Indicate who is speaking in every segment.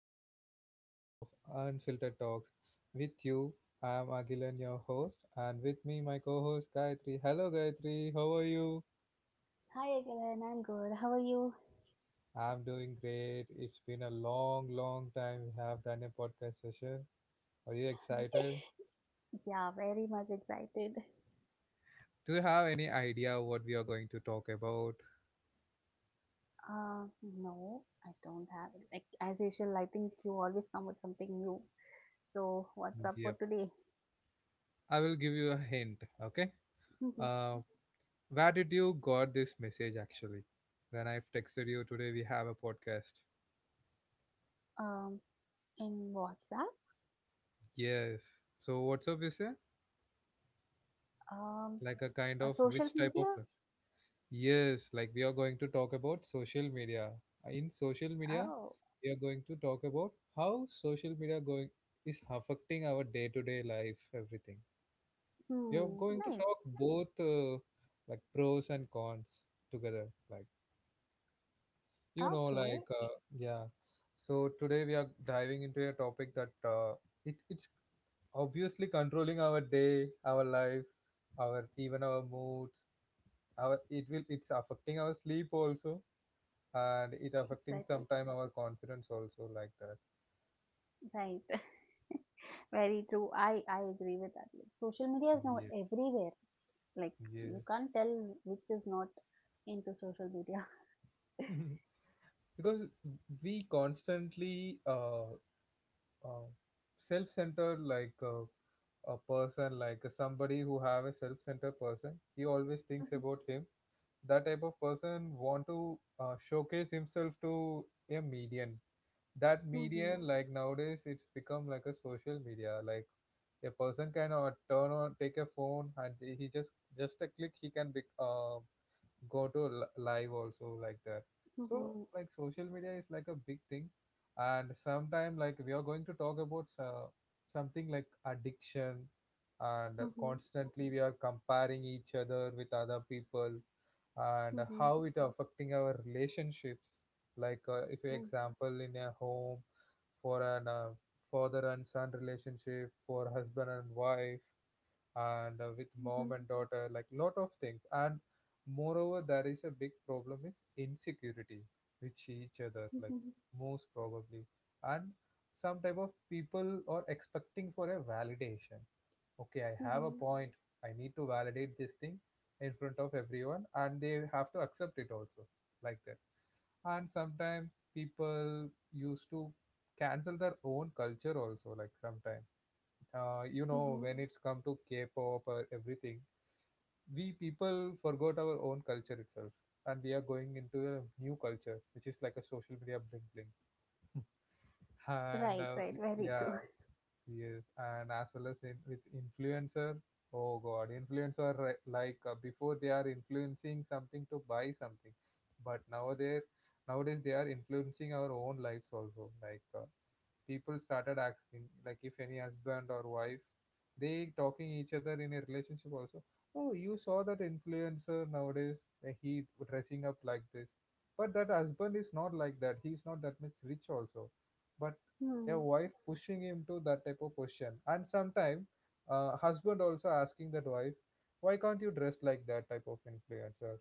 Speaker 1: to the another episode of Unfiltered Talks. With you, I am Agilan, your host, and with me, my co-host Gayatri. Hello Gayatri, how are you?
Speaker 2: Hi again, I'm good. How are you?
Speaker 1: I'm doing great. It's been a long, long time we have done a podcast session. Are you excited?
Speaker 2: Yeah, very much excited.
Speaker 1: Do you have any idea what we are going to talk about?
Speaker 2: Uh, no, I don't have it. Like as usual, I think you always come with something new. So what's up for
Speaker 1: Yep.
Speaker 2: today?
Speaker 1: I will give you a hint. Okay. Uh, where did you got this message actually? When I've texted you today, we have a podcast.
Speaker 2: Um, in WhatsApp?
Speaker 1: Yes. So WhatsApp is a
Speaker 2: Um,
Speaker 1: like a kind
Speaker 2: a
Speaker 1: of,
Speaker 2: social
Speaker 1: which type of
Speaker 2: media?
Speaker 1: pla- yes, like we are going to talk about social media. In social media,
Speaker 2: Oh,
Speaker 1: we are going to talk about how social media going is affecting our day-to-day life, everything. We are
Speaker 2: hmm,
Speaker 1: going to
Speaker 2: nice.
Speaker 1: talk both like pros and cons together. Like
Speaker 2: Okay,
Speaker 1: like yeah. So today we are diving into a topic that it's obviously controlling our day, our life, our even our moods, our it will, it's affecting our sleep also, and it affecting
Speaker 2: exactly.
Speaker 1: sometime our confidence also, like that.
Speaker 2: Right. Very true. I agree with that. Like, social media is now
Speaker 1: Yes,
Speaker 2: everywhere. Like you
Speaker 1: yes.
Speaker 2: can't tell which is not into social media.
Speaker 1: Mhm. Because we constantly uh, self-centered, like a person, like somebody who have a self-centered person, he always thinks about him. That type of person want to showcase himself to a median. That median, like nowadays it's become like a social media. Like a person can turn on, take a phone, and he just a click he can be go to live also, like that. So like social media is like a big thing, and sometime like we are going to talk about something like addiction. And constantly we are comparing each other with other people, and how it affecting our relationships. Like if you example in a home, for an father and son relationship, for husband and wife, and with mom and daughter, like lot of things. And moreover there is a big problem is insecurity with each other, like most probably. And some type of people are expecting for a validation. Okay, I have a point, I need to validate this thing in front of everyone, and they have to accept it also, like that. And sometimes people used to cancel their own culture also, like sometimes you know, when it's come to k-pop or everything, we people forgot our own culture itself, and we are going into a new culture which is like a social media bling bling. And
Speaker 2: Right, right, very
Speaker 1: yeah.
Speaker 2: true.
Speaker 1: Yes, and as well as in, with influencer, oh god, influencer ri- like before, they are influencing something to buy something, but nowadays they are influencing our own lives also. Like people started asking, like if any husband or wife, they talking each other in a relationship also, oh you saw that influencer nowadays, he dressing up like this, but that husband is not like that, he's not that much rich also. But a
Speaker 2: Hmm.
Speaker 1: wife pushing him to that type of position, and sometime husband also asking that wife, why can't you dress like that type of influencer,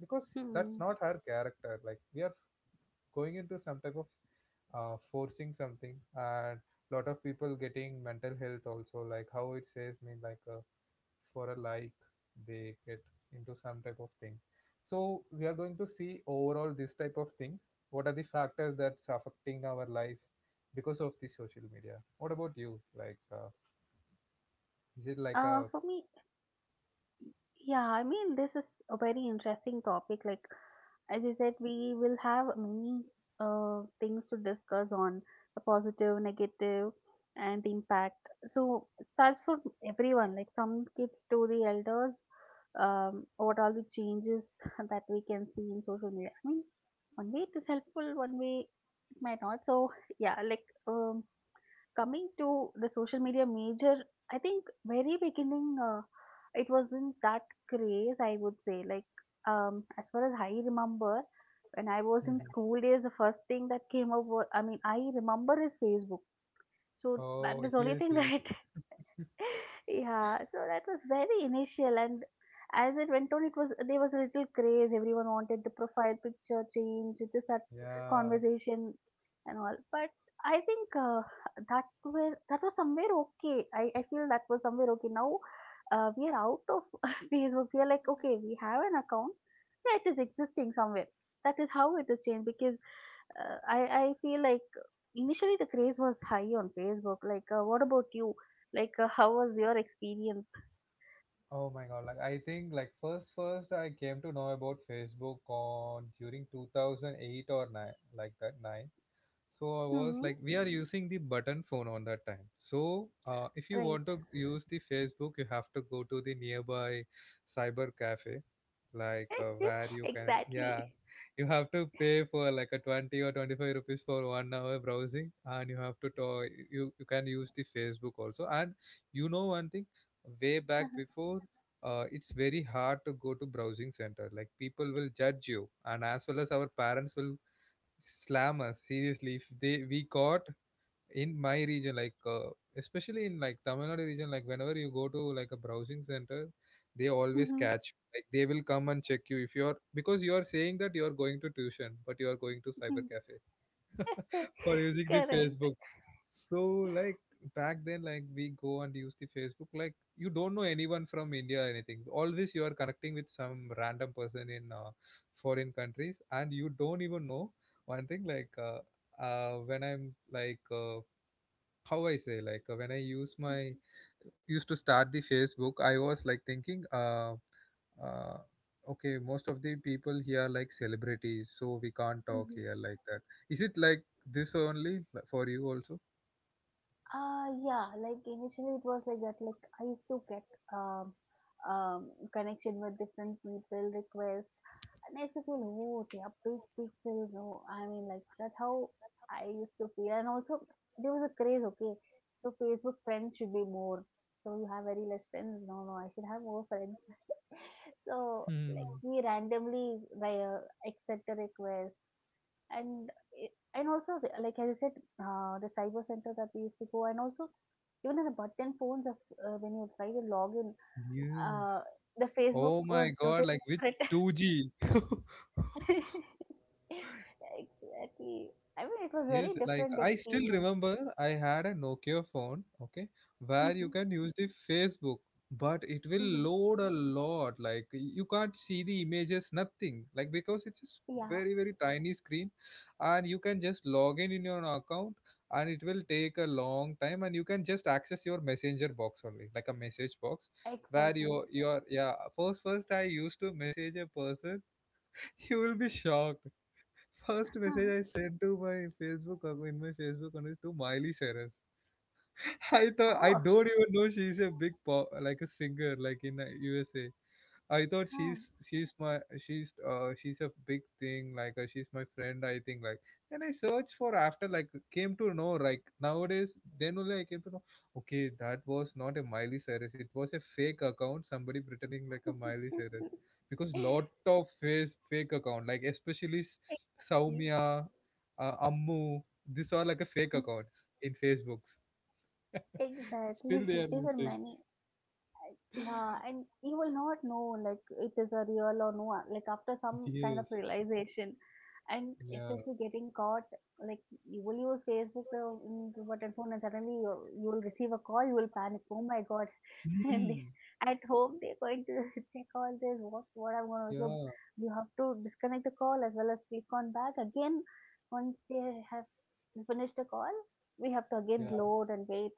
Speaker 1: because
Speaker 2: Hmm.
Speaker 1: that's not her character. Like we are going into some type of forcing something, and lot of people getting mental health also, like how it says mean, like for a like they get into some type of thing. So we are going to see overall this type of things, what are the factors that's affecting our life because of the social media. What about you, like is it like a.
Speaker 2: For me, yeah, I mean, this is a very interesting topic. Like, as you said, we will have many things to discuss on the positive, negative, and the impact. So it starts for everyone, like from kids to the elders. What all the changes that we can see in social media? I mean, one way it is helpful, one way it might not. So yeah, like coming to the social media major, I think very beginning, it wasn't that craze, I would say. Like, as far as I remember, when I was in
Speaker 1: Mhm.
Speaker 2: school days, the first thing that came up was, I mean, I remember is Facebook. So that
Speaker 1: Oh,
Speaker 2: is only
Speaker 1: yes,
Speaker 2: thing
Speaker 1: yes,
Speaker 2: that, yeah, so that was very initial. And as it went on, it was, there was a little craze. Everyone wanted the profile picture change, this that
Speaker 1: yeah.
Speaker 2: conversation and all. But I think, that was somewhere okay. I feel that was somewhere okay. Now we are out of Facebook. We are like okay, we have an account. Yeah, it is existing somewhere. That is how it is changed because I feel like initially the craze was high on Facebook. Like, what about you? Like, how was your experience?
Speaker 1: Oh my god, like I think like first I came to know about Facebook on during 2008 or 9, like that, 9. So I was
Speaker 2: Hmm.
Speaker 1: like we are using the button phone on that time. So if you
Speaker 2: Right.
Speaker 1: want to use the facebook, you have to go to the nearby cyber cafe, like where you can, yeah.
Speaker 2: exactly.
Speaker 1: You have to pay for like a 20 or 25 rupees for 1 hour browsing, and you have to talk, you can use the facebook also. And you know one thing, way back
Speaker 2: Uh-huh.
Speaker 1: before, it's very hard to go to browsing center, like people will judge you, and as well as our parents will slam us seriously if they we caught. In my region, like especially in like tamil nadu region, like whenever you go to like a browsing center, they always
Speaker 2: Mhm.
Speaker 1: catch you. Like they will come and check you if you're, because you are saying that you going to tuition, but you are going to cyber cafe for using the
Speaker 2: Correct.
Speaker 1: Facebook. So like back then, like we go and use the Facebook, like you don't know anyone from India or anything. Always you are connecting with some random person in foreign countries, and you don't even know one thing. Like when I'm like how I say, like when I use my used to start the Facebook, I was like thinking uh, okay, most of the people here are like celebrities, so we can't talk
Speaker 2: Mhm.
Speaker 1: here, like that. Is it like this only for you also?
Speaker 2: Yeah, like initially it was like that. Like I used to get um, connection with different people, requests, and I used to feel, oh, they are big, big people. No, I mean, like that's how I used to feel. And also, there was a craze, okay? So Facebook friends should be more. So you have very less friends. No, no, I should have more friends. So, like,
Speaker 1: Hmm.
Speaker 2: we randomly via accept a request. And also, like as I said, the cyber center that we used to go, and also even in the button phones, when you try to log in,
Speaker 1: Yes.
Speaker 2: uh, the Facebook
Speaker 1: Oh my
Speaker 2: was
Speaker 1: God,
Speaker 2: totally
Speaker 1: like with
Speaker 2: different.
Speaker 1: 2G.
Speaker 2: exactly. I mean, it was very
Speaker 1: Yes, like
Speaker 2: different
Speaker 1: I still
Speaker 2: experience.
Speaker 1: remember I had a Nokia phone, okay, where you
Speaker 2: Mhm.
Speaker 1: can use the Facebook, but it will
Speaker 2: Mhm.
Speaker 1: load a lot. Like you can't see the images, nothing. Like because it's a s-
Speaker 2: yeah,
Speaker 1: very, very tiny screen, and you can just log in your account, and it will take a long time, and you can just access your messenger box only, like a message box, where
Speaker 2: exactly.
Speaker 1: your yeah. First I used to message a person. You will be shocked. First
Speaker 2: Huh.
Speaker 1: message I sent to my Facebook ac- in my Facebook account is to Miley Cyrus. I thought, I
Speaker 2: Oh,
Speaker 1: don't even know she's a big pop like a singer like in USA. I thought
Speaker 2: huh.
Speaker 1: she's my she's a big thing like she's my friend, I think. Like then I searched for after, like came to know, like nowadays then only I came to know, okay, that was not a Miley Cyrus, it was a fake account, somebody pretending like a Miley Cyrus. Because lot of face fake account, like especially
Speaker 2: exactly.
Speaker 1: Soumya, Ammu. These are like a fake accounts in Facebooks. Still they
Speaker 2: Exactly.
Speaker 1: are
Speaker 2: There were
Speaker 1: using.
Speaker 2: many. Yeah, and you will not know like it is a real or no like after some kind
Speaker 1: Yes.
Speaker 2: of realization and
Speaker 1: Yeah.
Speaker 2: especially getting caught like you will use Facebook in button phone and suddenly you will receive a call, you will panic, oh my god. And they,
Speaker 1: Hmm.
Speaker 2: at home, they're going to check all this. What I'm going to, so
Speaker 1: Yeah.
Speaker 2: you have to disconnect the call as well as click on back again. Once they have finished the call, we have to again
Speaker 1: Yeah.
Speaker 2: load and wait.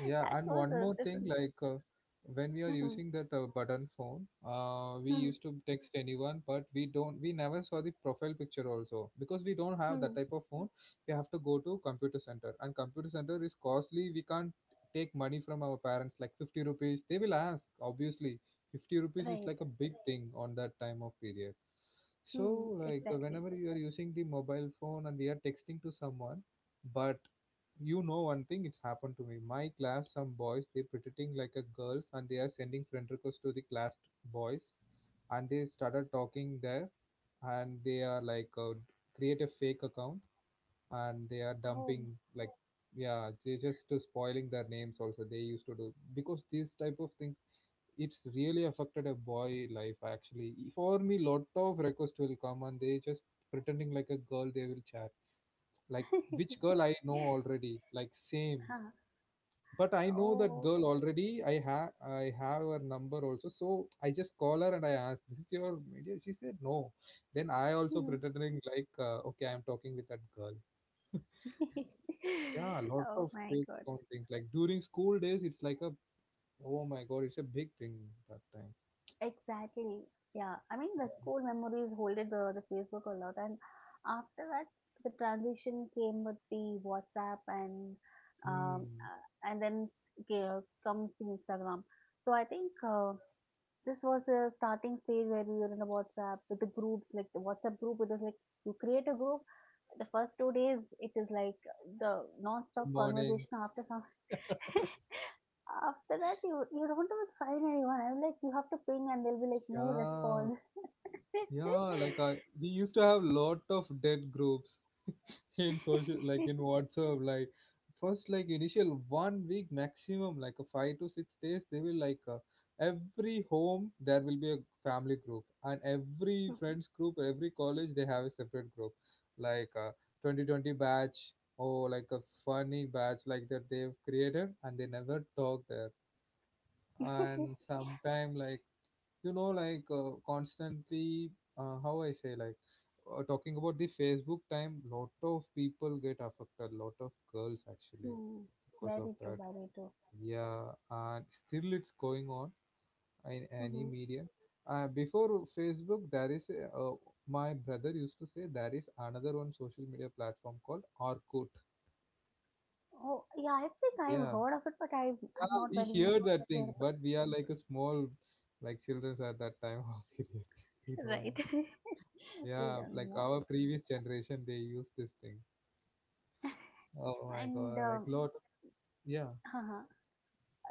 Speaker 1: Yeah, and
Speaker 2: was
Speaker 1: one
Speaker 2: a
Speaker 1: more thing,
Speaker 2: different.
Speaker 1: like when we are
Speaker 2: Mhm,
Speaker 1: using that button phone, we
Speaker 2: mhm,
Speaker 1: used to text anyone, but we don't, we never saw the profile picture also, because we don't have that
Speaker 2: mhm.
Speaker 1: type of phone. We have to go to computer center, and computer center is costly. We can't take money from our parents, like 50 rupees. They will ask, obviously. 50 rupees is
Speaker 2: right.
Speaker 1: like a big thing on that time of period. So,
Speaker 2: Hmm.
Speaker 1: like,
Speaker 2: Exactly.
Speaker 1: whenever you are using the mobile phone and we are texting to someone, but you know one thing, it's happened to me. My class, some boys, they pretending like a girls and they are sending friend requests to the class boys, and they started talking there, and they are like create a fake account, and they are
Speaker 2: Oh.
Speaker 1: dumping like, yeah, they just spoiling their names also they used to do. Because these type of things, it's really affected a boy life actually. For me, lot of requests will come and they just pretending like a girl, they will chat, like which girl I know already, like same.
Speaker 2: Huh.
Speaker 1: But I know that
Speaker 2: Oh.
Speaker 1: girl already, I have her number also. So I just call her and I asked, this is your media? She said no. Then I also pretending like okay, I'm talking with that girl. Yeah, a lot
Speaker 2: oh
Speaker 1: of
Speaker 2: my
Speaker 1: fake
Speaker 2: god.
Speaker 1: account things, like during school days, it's like a, oh my god, it's a big thing that time.
Speaker 2: Exactly. Yeah. I mean, the school memories holded the Facebook a lot. And after that, the transition came with the WhatsApp
Speaker 1: Hmm.
Speaker 2: and then ca- comes the Instagram. So I think, this was the starting stage where we were in the WhatsApp with the groups, like the WhatsApp group. It is like you create a group. The first 2 days, it is like the non-stop
Speaker 1: Good morning.
Speaker 2: conversation after some. After that, you don't even find anyone. I'm like, you have to ping, and they'll be like, no
Speaker 1: Yeah.
Speaker 2: response.
Speaker 1: Yeah. Like we used to have lot of dead groups. In social, like in WhatsApp, like first, like initial 1 week maximum, like a 5 to 6 days they will like, every home there will be a family group, and every friends group, every college they have a separate group, like 2020 batch or like a funny batch like that they've created, and they never talk there. And sometime, like, you know, like constantly, how I say like, talking about the Facebook time, lot of people get affected, lot of girls actually,
Speaker 2: Hmm.
Speaker 1: because of
Speaker 2: Very true,
Speaker 1: that.
Speaker 2: very true.
Speaker 1: Yeah, and still it's going on in any
Speaker 2: Hmm.
Speaker 1: media. Before Facebook there is a, my brother used to say there is another one social media platform called Orkut.
Speaker 2: Oh, yeah, I think I've
Speaker 1: yeah
Speaker 2: heard of it, but I'm
Speaker 1: yeah
Speaker 2: not
Speaker 1: we
Speaker 2: very
Speaker 1: hear that
Speaker 2: clear
Speaker 1: thing,
Speaker 2: about it.
Speaker 1: but we are like a small, like children at that time of period, we don't
Speaker 2: Right.
Speaker 1: know.
Speaker 2: we
Speaker 1: Yeah,
Speaker 2: don't
Speaker 1: like
Speaker 2: know.
Speaker 1: our previous generation, they use this thing. Oh my
Speaker 2: And,
Speaker 1: god, like lot. Yeah,
Speaker 2: uh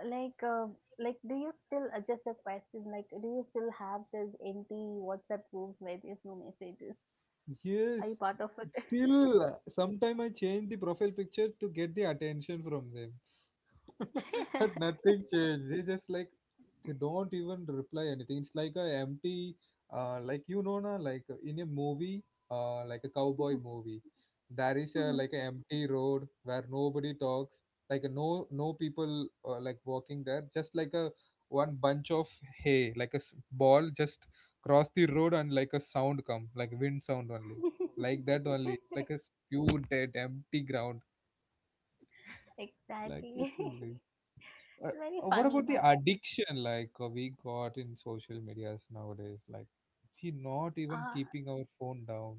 Speaker 2: like, uh, like, do you still, just a question, like, do you still have this empty WhatsApp group where there's no messages? Are
Speaker 1: yes.
Speaker 2: you part of
Speaker 1: Still, sometime I change the profile picture to get the attention from them, but nothing changed. They just like they don't even reply anything, it's like a empty, like you know na, like in a movie, like a cowboy movie, there is
Speaker 2: it?
Speaker 1: a like an empty road where nobody talks, like no people like walking there, just like a one bunch of hay, like a ball just cross the road and like a sound come like wind sound only, like that only, like a pure dead empty ground, like this
Speaker 2: Exactly.
Speaker 1: only. uh,
Speaker 2: Very
Speaker 1: what
Speaker 2: funny
Speaker 1: about the
Speaker 2: part.
Speaker 1: addiction, like we got in social medias nowadays? Like, we not even
Speaker 2: Ah,
Speaker 1: keeping our phone down.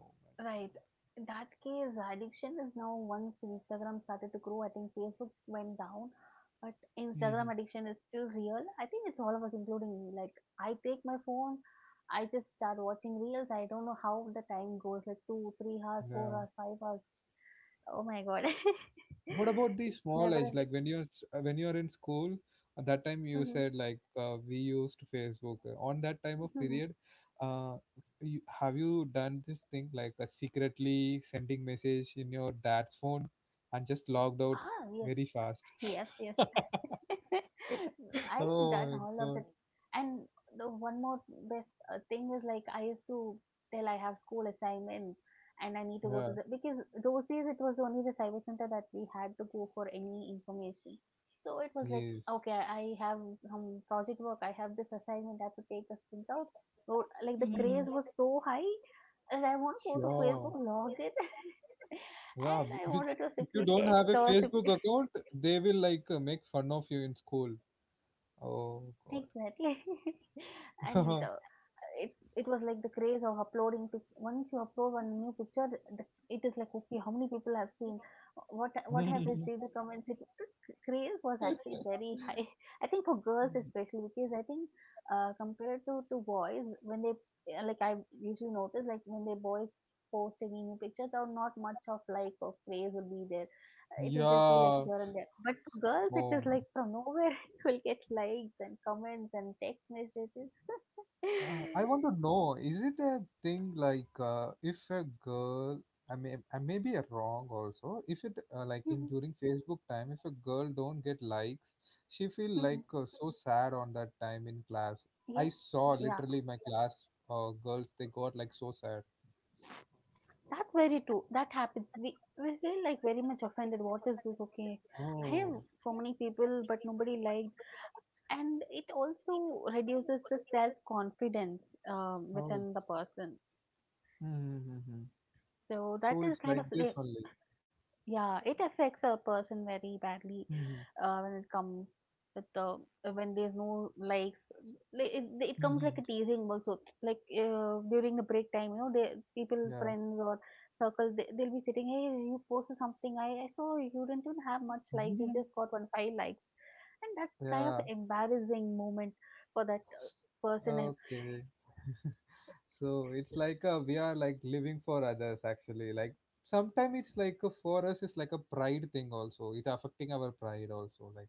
Speaker 1: Oh my
Speaker 2: right. In that case, addiction is now once Instagram started to grow, I think Facebook went down, but
Speaker 1: god.
Speaker 2: Instagram
Speaker 1: Hmm.
Speaker 2: addiction is still real. I think it's all of us, including me. Like, I take my phone, I just start watching reels. I don't know how the time goes, like two, 3 hours,
Speaker 1: Yeah.
Speaker 2: 4 hours, 5 hours. Oh my God.
Speaker 1: What about the
Speaker 2: It's
Speaker 1: small
Speaker 2: never
Speaker 1: age?
Speaker 2: ending.
Speaker 1: Like when you're when you're in school, at that time you
Speaker 2: Hmm.
Speaker 1: said like we used Facebook. On that time of
Speaker 2: Hmm.
Speaker 1: period, uh, you, have you done this thing like secretly sending message in your dad's phone and just logged out
Speaker 2: Ah, yes,
Speaker 1: very fast?
Speaker 2: yes, yes. I've
Speaker 1: Oh
Speaker 2: done
Speaker 1: my
Speaker 2: all of that.
Speaker 1: god.
Speaker 2: And the one more best thing is like I used to tell I have school assignment and I need to go to
Speaker 1: Yeah,
Speaker 2: the because those days it was only the cyber center that we had to go for any information. So it was like
Speaker 1: yes.
Speaker 2: okay, I have some project work, I have this assignment, I have to take a print out. So, like the craze
Speaker 1: Mhm.
Speaker 2: was so high, and I want to go to
Speaker 1: Yeah,
Speaker 2: Facebook, log in,
Speaker 1: yeah.
Speaker 2: and I wanted to
Speaker 1: If you
Speaker 2: simply
Speaker 1: don't
Speaker 2: text
Speaker 1: have a
Speaker 2: or simply.
Speaker 1: Facebook account, they will like make fun of you in school. Oh god.
Speaker 2: Exactly. and it was like the craze of uploading once you upload one new picture, it is like okay, how many people have seen, what have received the comments, the craze was actually very high. I think for girls especially because I think, compared to boys when they, yeah, like I usually notice like when they boys post any new picture there not much of like or craze will be there. It will just be like
Speaker 1: yeah.
Speaker 2: here and there but for girls it is
Speaker 1: Oh.
Speaker 2: like from nowhere will get likes and comments and text messages.
Speaker 1: I want to know, is it a thing like if a girl, I may be wrong also, if it like in during Facebook time, if a girl don't get likes, she feel like so sad on that time in class. I
Speaker 2: yes,
Speaker 1: saw
Speaker 2: yeah,
Speaker 1: literally my class girls, they got like so sad.
Speaker 2: that's very true. That happens. We feel like very much offended. What is this? Okay, I have
Speaker 1: Oh,
Speaker 2: so many people, but nobody liked, and it also reduces the self confidence
Speaker 1: oh,
Speaker 2: within the person.
Speaker 1: mm-hmm.
Speaker 2: So that
Speaker 1: So
Speaker 2: is
Speaker 1: it's
Speaker 2: kind
Speaker 1: like
Speaker 2: of
Speaker 1: this
Speaker 2: like
Speaker 1: only.
Speaker 2: yeah, it affects a person very badly
Speaker 1: Mm-hmm.
Speaker 2: when it comes with the when there's no likes. Like, it comes like
Speaker 1: Mm-hmm.
Speaker 2: a teasing also. Like during the break time, you know, they people,
Speaker 1: Yeah,
Speaker 2: friends or circle, they'll be sitting. Hey, you posted something. I saw you didn't even have much likes. You just got one five likes, and that's kind of
Speaker 1: yeah,
Speaker 2: embarrassing moment for that person. And
Speaker 1: okay. So it's like a, we are like living for others actually. Like sometimes it's like a, for us it's like a pride thing also. It affecting our pride also. Like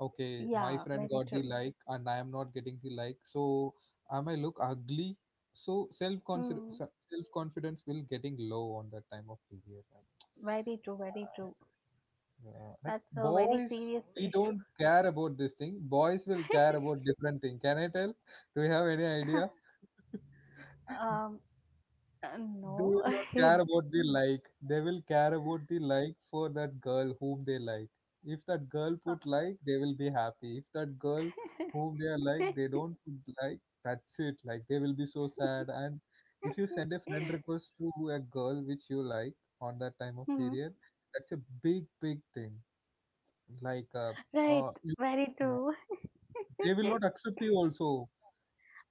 Speaker 1: okay, my
Speaker 2: yeah,
Speaker 1: friend
Speaker 2: very
Speaker 1: got the
Speaker 2: true.
Speaker 1: like and I am not getting the like, so am I look ugly? So self consider
Speaker 2: Hmm.
Speaker 1: self confidence will getting low on that time of period. Like
Speaker 2: Very true. Very true.
Speaker 1: yeah. Yeah. Like
Speaker 2: That's a very
Speaker 1: boys,
Speaker 2: serious
Speaker 1: we
Speaker 2: issue.
Speaker 1: don't care about this thing. Boys will care about different thing. Can I tell? Do you have any idea?
Speaker 2: Um,
Speaker 1: They
Speaker 2: no.
Speaker 1: will not care about the like. They will care about the like for that girl whom they like. If that girl put like, they will be happy. If that girl whom they are like, they don't put like, that's it. Like they will be so sad. And if you send a friend request to a girl which you like on that time of
Speaker 2: Hmm.
Speaker 1: period, that's a big, big thing. Like,
Speaker 2: Right,
Speaker 1: you,
Speaker 2: very
Speaker 1: yeah.
Speaker 2: true.
Speaker 1: They will not accept you also.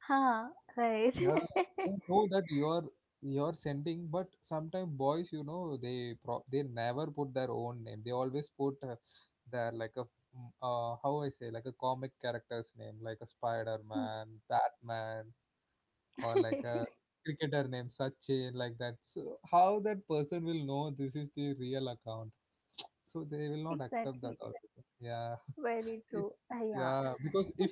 Speaker 2: Huh, right.
Speaker 1: Yeah, they know that you're sending, but sometimes boys, you know, they pro they never put their own name. They always put their like a how I say like a comic character's name, like a Spider-Man, Batman, or like a cricketer name, Sachin, like that. So how that person will know this is the real account? So they will not accept that
Speaker 2: Exactly,
Speaker 1: also. Yeah,
Speaker 2: very
Speaker 1: it,
Speaker 2: true. Yeah.
Speaker 1: yeah, because if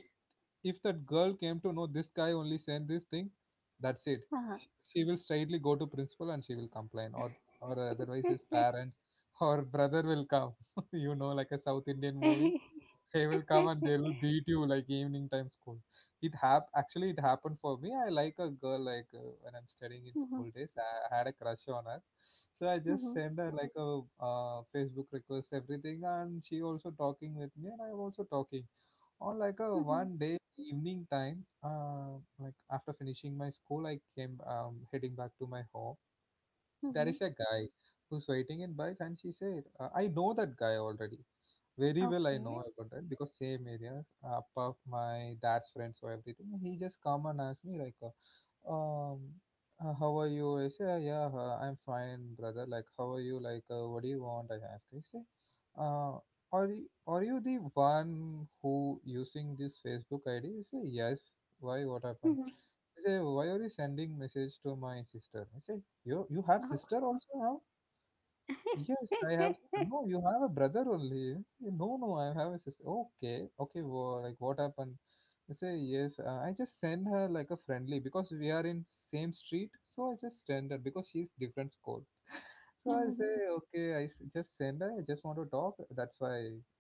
Speaker 1: if that girl came to know this guy only sent this thing, that's it.
Speaker 2: Huh.
Speaker 1: She will straightly go to principal and she will complain, or otherwise his parents or brother will come you know, like a south indian movie, they will come and they will beat you like evening time school. It hap actually it happened for me, I like a girl like, when I'm studying in
Speaker 2: Mhm,
Speaker 1: school days, had a crush on her, so I just
Speaker 2: mhm,
Speaker 1: send her like a Facebook request everything, and she also talking with me and I'm also talking on, like a
Speaker 2: mhm,
Speaker 1: one day evening time, like after finishing my school I came, heading back to my home. There
Speaker 2: mhm.
Speaker 1: is a guy who's waiting in bike, and she said, "I know that guy already. Very well, I know
Speaker 2: Okay.
Speaker 1: about that because same area, apart of my dad's friends or everything." He just come and ask me like, um, "how are you?" I say, yeah, I'm fine, brother. Like, how are you? Like, what do you want?" I ask. I say, uh, are you the one who using this Facebook ID?" I say, "yes." "Why? What happened?"
Speaker 2: Mhm.
Speaker 1: I say, "why are you sending message to my sister?" I say, you have
Speaker 2: Oh.
Speaker 1: sister also now?" "Yes, I have." "No, you have a brother only." "Eh, no, no, I have a sister." "Okay, okay. Well, like what happened?" I say yes. I just send her like a friendly because we are in same street. So I just send her because she's different school. So I
Speaker 2: Mhm,
Speaker 1: say, okay, just send, I just want to talk. That's why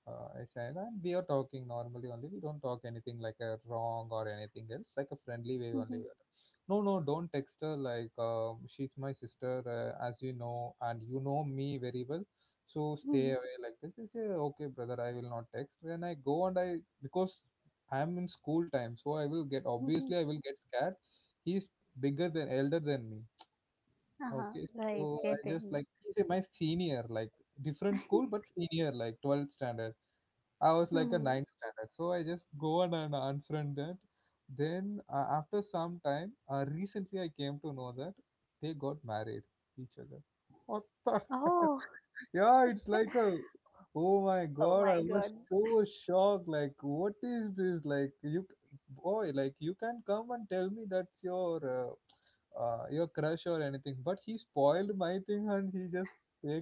Speaker 1: I send. And we are talking normally only. We don't talk anything like a wrong or anything else, like a friendly way only."
Speaker 2: mhm,
Speaker 1: "No, no, don't text her. Like, she's my sister, as you know, and you know me very well. So stay
Speaker 2: mhm,
Speaker 1: away like this." I say, "okay, brother, I will not text." When I go and I, because I'm in school time, so I will get,
Speaker 2: mhm.
Speaker 1: obviously, I will get scared. He's elder than me.
Speaker 2: Uh-huh.
Speaker 1: Okay,
Speaker 2: Right,
Speaker 1: so I just
Speaker 2: getting.
Speaker 1: like he's a my senior, like different school but senior, like 12th standard. I was like a
Speaker 2: Mhm.
Speaker 1: ninth standard, so I just go and unfriend that. Then after some time, recently I came to know that they got married each other. What the?
Speaker 2: Oh,
Speaker 1: Yeah, it's like a oh my
Speaker 2: oh
Speaker 1: god,
Speaker 2: my
Speaker 1: I was
Speaker 2: God.
Speaker 1: so shocked. Like, what is this? Like, you boy, like you can come and tell me that's your, your crush or anything, but he spoiled my thing and he just take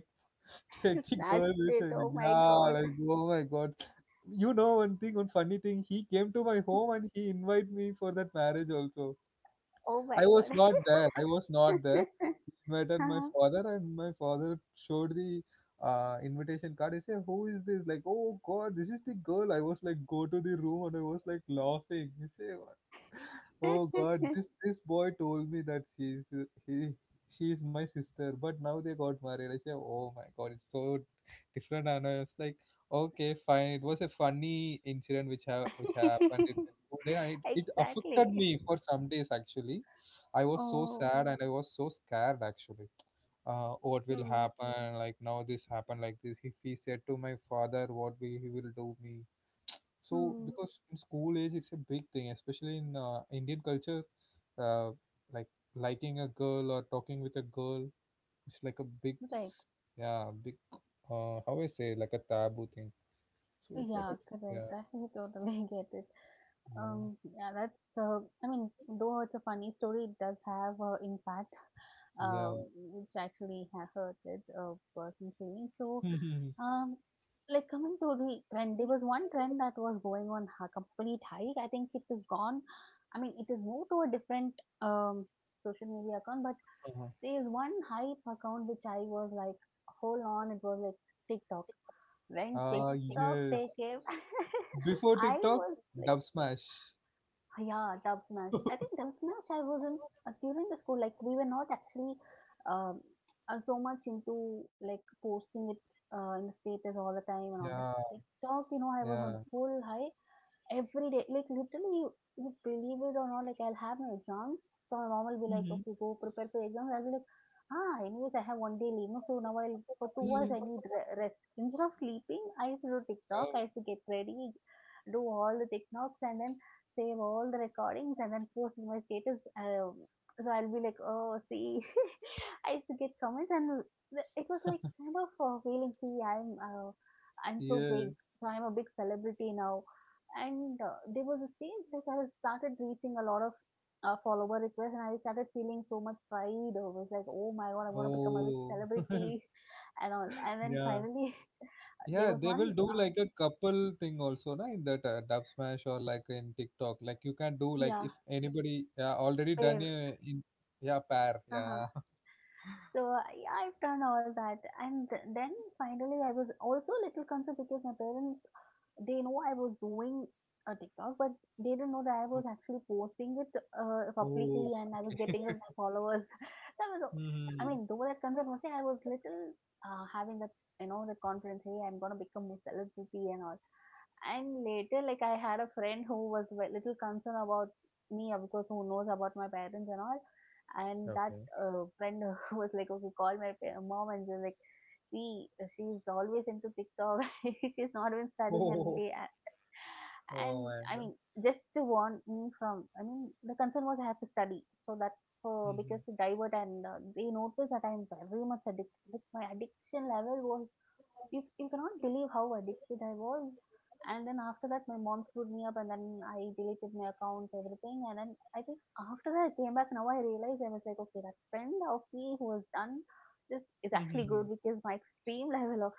Speaker 2: You
Speaker 1: take the
Speaker 2: snatched
Speaker 1: girl which
Speaker 2: it.
Speaker 1: I
Speaker 2: Oh
Speaker 1: like,
Speaker 2: my
Speaker 1: yeah,
Speaker 2: god.
Speaker 1: like oh my god. You know one thing, one funny thing. He came to my home and he invited me for that marriage also.
Speaker 2: Oh
Speaker 1: I
Speaker 2: my
Speaker 1: was
Speaker 2: god.
Speaker 1: not there. I was not there. He invited my
Speaker 2: Uh-huh.
Speaker 1: father, and my father showed the invitation card. He said, "Who is this?" Like, "Oh God, this is the girl." I was like, "Go to the room," and I was like laughing. He said, oh God, this this boy told me that he she is my sister, but now they got married. I said, oh my God, it's so different. And I was like, okay, fine. It was a funny incident which ha which happened in the school day, and it affected
Speaker 2: exactly.
Speaker 1: me for some days actually. I was so
Speaker 2: Oh.
Speaker 1: sad and I was so scared actually. What will
Speaker 2: Hmm.
Speaker 1: happen? Like now this happened like this. If he said to my father, what will he will do me? So,
Speaker 2: Hmm.
Speaker 1: because in school age, it's a big thing, especially in Indian culture, uh, like liking a girl or talking with a girl, it's like a big,
Speaker 2: Right.
Speaker 1: yeah, big, how I say like a taboo thing. So it's like
Speaker 2: Yeah,
Speaker 1: a,
Speaker 2: correct.
Speaker 1: yeah,
Speaker 2: I totally get it.
Speaker 1: no,
Speaker 2: Yeah, that's, I mean, though it's a funny story, it does have impact,
Speaker 1: yeah.
Speaker 2: which actually hurted a person's feelings. So, um, like coming to the trend, there was one trend that was going on a complete hike. I think it is gone. I mean, it is moved to a different um, social media account, but
Speaker 1: Uh-huh.
Speaker 2: there is one hype account which I was like, hold on, it was like TikTok. When TikTok
Speaker 1: Yes,
Speaker 2: take it,
Speaker 1: before
Speaker 2: I
Speaker 1: TikTok,
Speaker 2: was like
Speaker 1: Dub Smash.
Speaker 2: ah, yeah, Dub Smash. I think Dub Smash, I wasn't during the school, like, we were not actually um, so much into like posting it in the status all the time and
Speaker 1: Yeah,
Speaker 2: all that. TikTok, I was
Speaker 1: yeah.
Speaker 2: on full high every day, like literally, you believe it or not, like I'll have my exams. So my mom will be like, okay, go prepare for exams. I'll be like, anyways, I have one day leave. No, so now I'll, for 2 hours, I need rest. Instead of sleeping, I used to do TikTok.
Speaker 1: Oh,
Speaker 2: I used to get ready, do all the TikToks and then save all the recordings and then post in my status. So I'll be like, oh, see, I used to get comments and it was like kind of feeling, see, I'm so big,
Speaker 1: yes.
Speaker 2: so I'm a big celebrity now. And there was a stage that I started reaching a lot of follower requests, and I started feeling so much pride. I was like, "Oh my god, I'm gonna become a big
Speaker 1: Oh.
Speaker 2: celebrity," and all. And then
Speaker 1: Yeah.
Speaker 2: finally, there
Speaker 1: Yeah,
Speaker 2: was
Speaker 1: they will do like a couple thing also, na, in that Dub Smash or like in TikTok. Like you can do like
Speaker 2: yeah,
Speaker 1: if anybody, yeah, already done
Speaker 2: pair.
Speaker 1: a, in, yeah, pair,
Speaker 2: Uh-huh.
Speaker 1: yeah.
Speaker 2: So yeah, I've done all that, and then finally, I was also a little concerned because my parents they know I was doing a TikTok, but they didn't know that I was actually posting it
Speaker 1: Oh,
Speaker 2: publicly, and I was
Speaker 1: okay.
Speaker 2: getting a followers. That was, I
Speaker 1: Hmm.
Speaker 2: mean, though that concern was there, I was little having that, the confidence, hey, I'm gonna become a celebrity and all. And later, like, I had a friend who was a little concerned about me, of course, who knows about my parents and all. And that
Speaker 1: Okay.
Speaker 2: friend was like, okay, call my mom, and she's like, see, she's always into TikTok. She's not even studying, and
Speaker 1: Oh,
Speaker 2: they
Speaker 1: oh
Speaker 2: and
Speaker 1: my
Speaker 2: I
Speaker 1: God.
Speaker 2: mean, just to warn me from, I mean, the concern was I have to study, so that
Speaker 1: Hmm.
Speaker 2: because to divert, and they noticed that I'm very much addicted. Like, my addiction level was you cannot believe how addicted I was. And then after that, my mom screwed me up, and then I deleted my account, everything. And then I think after that I came back, now I realized I was like, okay, that friend of me who was done this is actually
Speaker 1: Hmm.
Speaker 2: good, because my extreme level of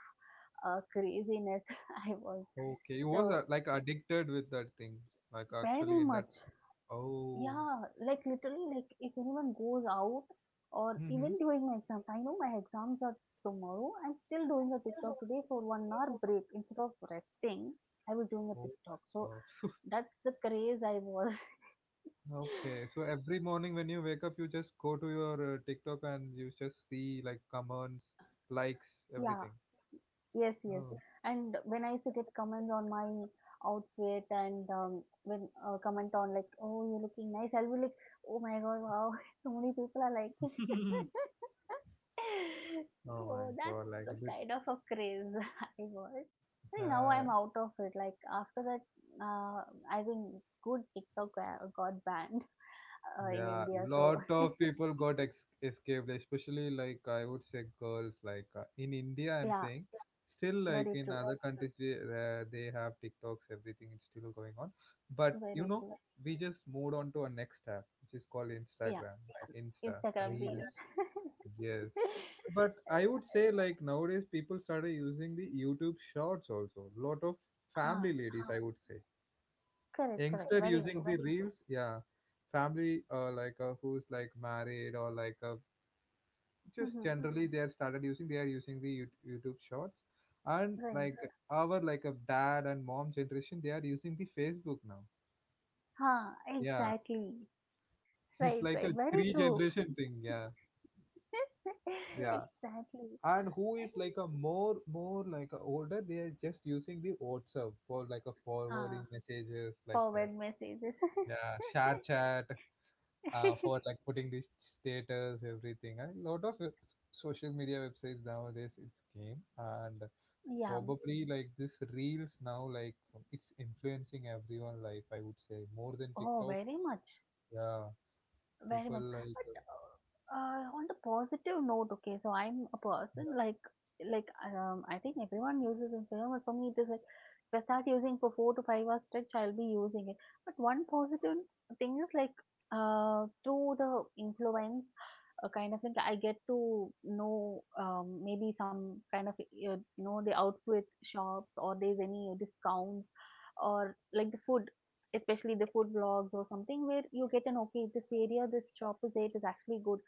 Speaker 2: craziness I was
Speaker 1: Okay, you was
Speaker 2: so
Speaker 1: like addicted with that thing, like
Speaker 2: very
Speaker 1: actually in that.
Speaker 2: much.
Speaker 1: Oh.
Speaker 2: Yeah, like literally, like if anyone goes out or
Speaker 1: Hmm.
Speaker 2: even during my exams, I know my exams are tomorrow. I'm still doing a TikTok today for 1 hour break instead of resting. I was doing a
Speaker 1: Oh my
Speaker 2: TikTok, so
Speaker 1: God.
Speaker 2: that's the craze I was.
Speaker 1: Okay, so every morning when you wake up, you just go to your TikTok and you just see like comments, likes,
Speaker 2: Yeah,
Speaker 1: everything.
Speaker 2: yes, yes.
Speaker 1: Oh,
Speaker 2: And when I used to get comments on my outfit and when comment on like, oh, you're looking nice, I'll be like, oh my god, wow, so many people are liking.
Speaker 1: oh my
Speaker 2: Oh, that's
Speaker 1: God! Like
Speaker 2: the
Speaker 1: a bit,
Speaker 2: kind of a craze. I was. I
Speaker 1: uh,
Speaker 2: think now I'm out of it. Like after that, uh, I think good TikTok got banned in
Speaker 1: yeah,
Speaker 2: India. So
Speaker 1: lot of people got ex escaped, especially like I would say girls. Like in India, I'm
Speaker 2: yeah,
Speaker 1: saying still like
Speaker 2: very
Speaker 1: in
Speaker 2: true,
Speaker 1: other countries, they have TikToks, everything is still going on. But you
Speaker 2: very
Speaker 1: know,
Speaker 2: true.
Speaker 1: we just moved on to our next app, which is called
Speaker 2: Yeah,
Speaker 1: Instagram, like Insta
Speaker 2: Instagram reels.
Speaker 1: Reels. Yes. But I would
Speaker 2: Yeah,
Speaker 1: say like nowadays people started using the YouTube Shorts also. Lot of
Speaker 2: huh?
Speaker 1: family ladies, I would say
Speaker 2: Correct, correct.
Speaker 1: youngster
Speaker 2: Very
Speaker 1: using
Speaker 2: true.
Speaker 1: the reels, yeah. Family, like who's like married or like just
Speaker 2: Mm-hmm.
Speaker 1: generally they are started using, they are using the YouTube Shorts. And
Speaker 2: Right.
Speaker 1: like our like a dad and mom generation, they are using the Facebook now.
Speaker 2: Huh?
Speaker 1: Yeah.
Speaker 2: Exactly.
Speaker 1: It's
Speaker 2: Right,
Speaker 1: like
Speaker 2: right.
Speaker 1: a
Speaker 2: Very
Speaker 1: three
Speaker 2: true.
Speaker 1: generation thing, yeah. Yeah,
Speaker 2: Exactly. And,
Speaker 1: and who is like a more like a older, they are just using the WhatsApp for like a
Speaker 2: huh?
Speaker 1: forwarding messages like that.
Speaker 2: Forward messages.
Speaker 1: Yeah, share chat, for like putting the status, everything. A lot of social media websites nowadays, it's came. And
Speaker 2: Yeah.
Speaker 1: probably like this reels now, like it's influencing everyone life, I would say, more than
Speaker 2: Oh,
Speaker 1: TikTok.
Speaker 2: very much,
Speaker 1: Yeah,
Speaker 2: very
Speaker 1: people
Speaker 2: much.
Speaker 1: like,
Speaker 2: But on the positive note, okay, so I'm a person
Speaker 1: yeah,
Speaker 2: like like, I think everyone uses Instagram, but for me it is like if I start using for 4 to 5 hours stretch, I'll be using it. But one positive thing is like through the influence, kind of like, I get to know maybe some kind of the outfit shops or there's any discounts, or like the food, especially the food blogs or something, where you get an okay, this area, this shop is, it is actually good.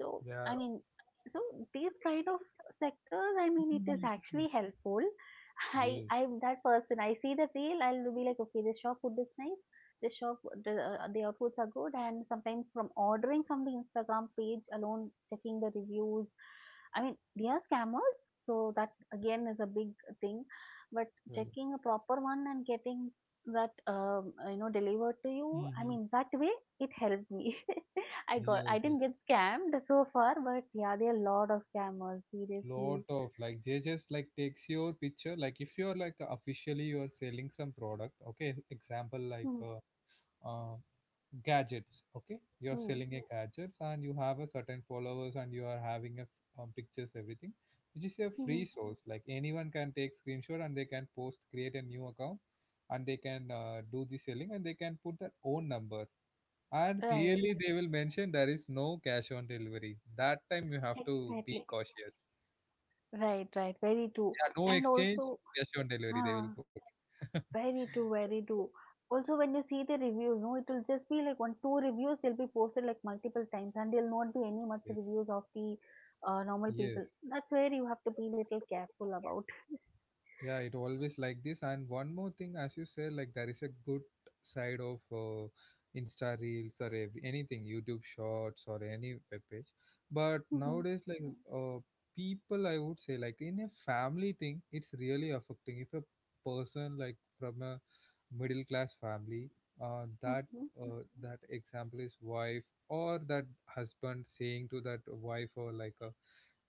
Speaker 2: So
Speaker 1: yeah,
Speaker 2: I mean, so these kind of sectors, I mean, it is actually helpful. i
Speaker 1: yes,
Speaker 2: i'm that person. I see the reel, I'll be like, okay, this shop food is nice, this shop, the outputs are good, and sometimes from ordering from the Instagram page alone, checking the reviews, I mean, they are scammers, so that again is a big thing. But
Speaker 1: yeah.
Speaker 2: checking a proper one and getting that delivered to you, I
Speaker 1: Hmm.
Speaker 2: mean, that way it helped me.
Speaker 1: Yes,
Speaker 2: I
Speaker 1: yes.
Speaker 2: didn't get scammed so far, but yeah, there are a lot of scammers
Speaker 1: Lot
Speaker 2: seriously.
Speaker 1: of like they just like takes your picture, like if you're like officially you are selling some product. Okay, example like
Speaker 2: Hmm.
Speaker 1: uh, gadgets. Okay, you're
Speaker 2: Hmm.
Speaker 1: selling a gadgets and you have a certain followers and you are having a pictures, everything, which is a
Speaker 2: Hmm.
Speaker 1: free source. Like anyone can take screenshot and they can post, create a new account, and they can do the selling, and they can put their own number. And
Speaker 2: Right,
Speaker 1: clearly they will mention there is no cash on delivery. That time you have to be
Speaker 2: exactly,
Speaker 1: cautious.
Speaker 2: right, right, very true,
Speaker 1: Yeah, no
Speaker 2: and
Speaker 1: exchange,
Speaker 2: also.
Speaker 1: cash on delivery they will
Speaker 2: Ah.
Speaker 1: put.
Speaker 2: Very true, very true. Also, when you see the reviews no, it will just be like one two reviews, they'll be posted like multiple times, and there'll not be any much
Speaker 1: Yes.
Speaker 2: reviews of the normal
Speaker 1: Yes.
Speaker 2: people. That's where you have to be little careful about.
Speaker 1: Yeah, it always like this. And one more thing, as you say, like there is a good side of Insta Reels or every, anything, YouTube Shorts or any web page. But nowadays, like uh, people, I would say, like in a family thing, it's really affecting. If a person like from a middle class family, uh, that
Speaker 2: Mhm.
Speaker 1: that example is wife or that husband saying to that wife or like a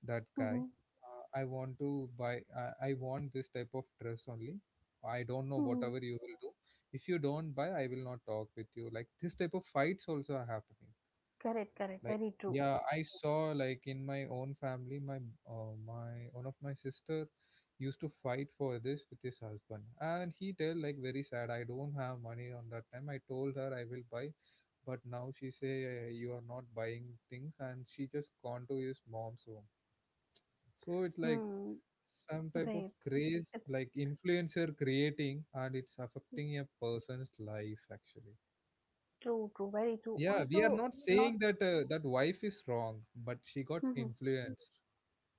Speaker 1: that guy,
Speaker 2: Mm-hmm.
Speaker 1: I want to buy. I want this type of dress only. I don't know
Speaker 2: Hmm.
Speaker 1: whatever you will do. If you don't buy, I will not talk with you. Like this type of fights also are happening.
Speaker 2: Correct, correct.
Speaker 1: Like
Speaker 2: Very true.
Speaker 1: yeah, I saw like in my own family, my my one of my sister used to fight for this with his husband, and he tell like very sad. I don't have money on that time. I told her I will buy, but now she say you are not buying things, and she just gone to his mom's home. So it's like
Speaker 2: Hmm.
Speaker 1: some type of
Speaker 2: Right.
Speaker 1: craze
Speaker 2: It's
Speaker 1: like influencer creating and it's affecting a person's life actually.
Speaker 2: true, true. Very true.
Speaker 1: Yeah, we are
Speaker 2: Also,
Speaker 1: not
Speaker 2: not
Speaker 1: saying that that wife is wrong, but she got
Speaker 2: hmm
Speaker 1: influenced.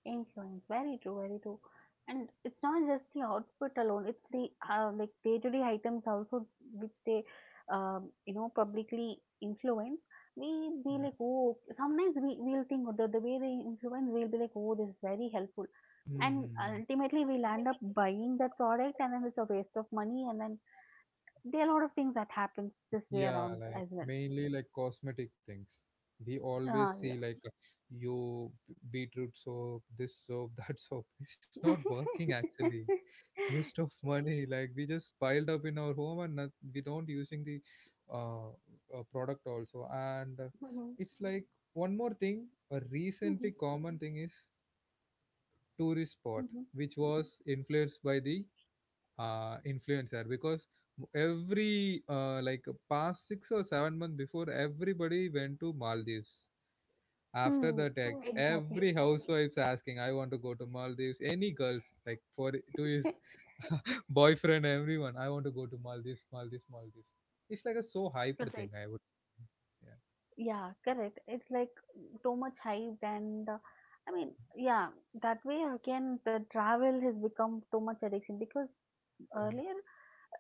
Speaker 2: influence. Very true, very true. And it's not just the outfit alone. It's the like day-to-day items also, which they, publicly influence. We be
Speaker 1: Yeah.
Speaker 2: like, oh, sometimes we will think the, way they influence, we'll be like, oh, this is very helpful. And
Speaker 1: Mm-hmm.
Speaker 2: ultimately, we'll end up buying that product, and then it's a waste of money, and then there are a lot of things that happens this way
Speaker 1: Yeah,
Speaker 2: around
Speaker 1: like
Speaker 2: as well.
Speaker 1: mainly like cosmetic things, we always
Speaker 2: Ah,
Speaker 1: see
Speaker 2: yeah.
Speaker 1: like you beetroot soap, this soap, that soap, it's not working actually. Waste of money, like we just piled up in our home and not, we don't using the product also. And
Speaker 2: Mhm,
Speaker 1: it's like one more thing, a recently
Speaker 2: mhm,
Speaker 1: common thing is tourist spot,
Speaker 2: mhm.
Speaker 1: which was influenced by the influencer. Because every like past 6 or 7 months before, everybody went to Maldives. After
Speaker 2: Hmm,
Speaker 1: the tech,
Speaker 2: exactly.
Speaker 1: every housewife's asking, I want to go to Maldives, any girls, like for two years
Speaker 2: Good
Speaker 1: boyfriend, everyone. I want to go to Maldives, Maldives, Maldives. It's like a so hyped thing.
Speaker 2: right.
Speaker 1: I would. Yeah.
Speaker 2: Yeah, correct. It's like too much hyped, and I mean, yeah, that way again the travel has become too much addiction, because
Speaker 1: Yeah.
Speaker 2: earlier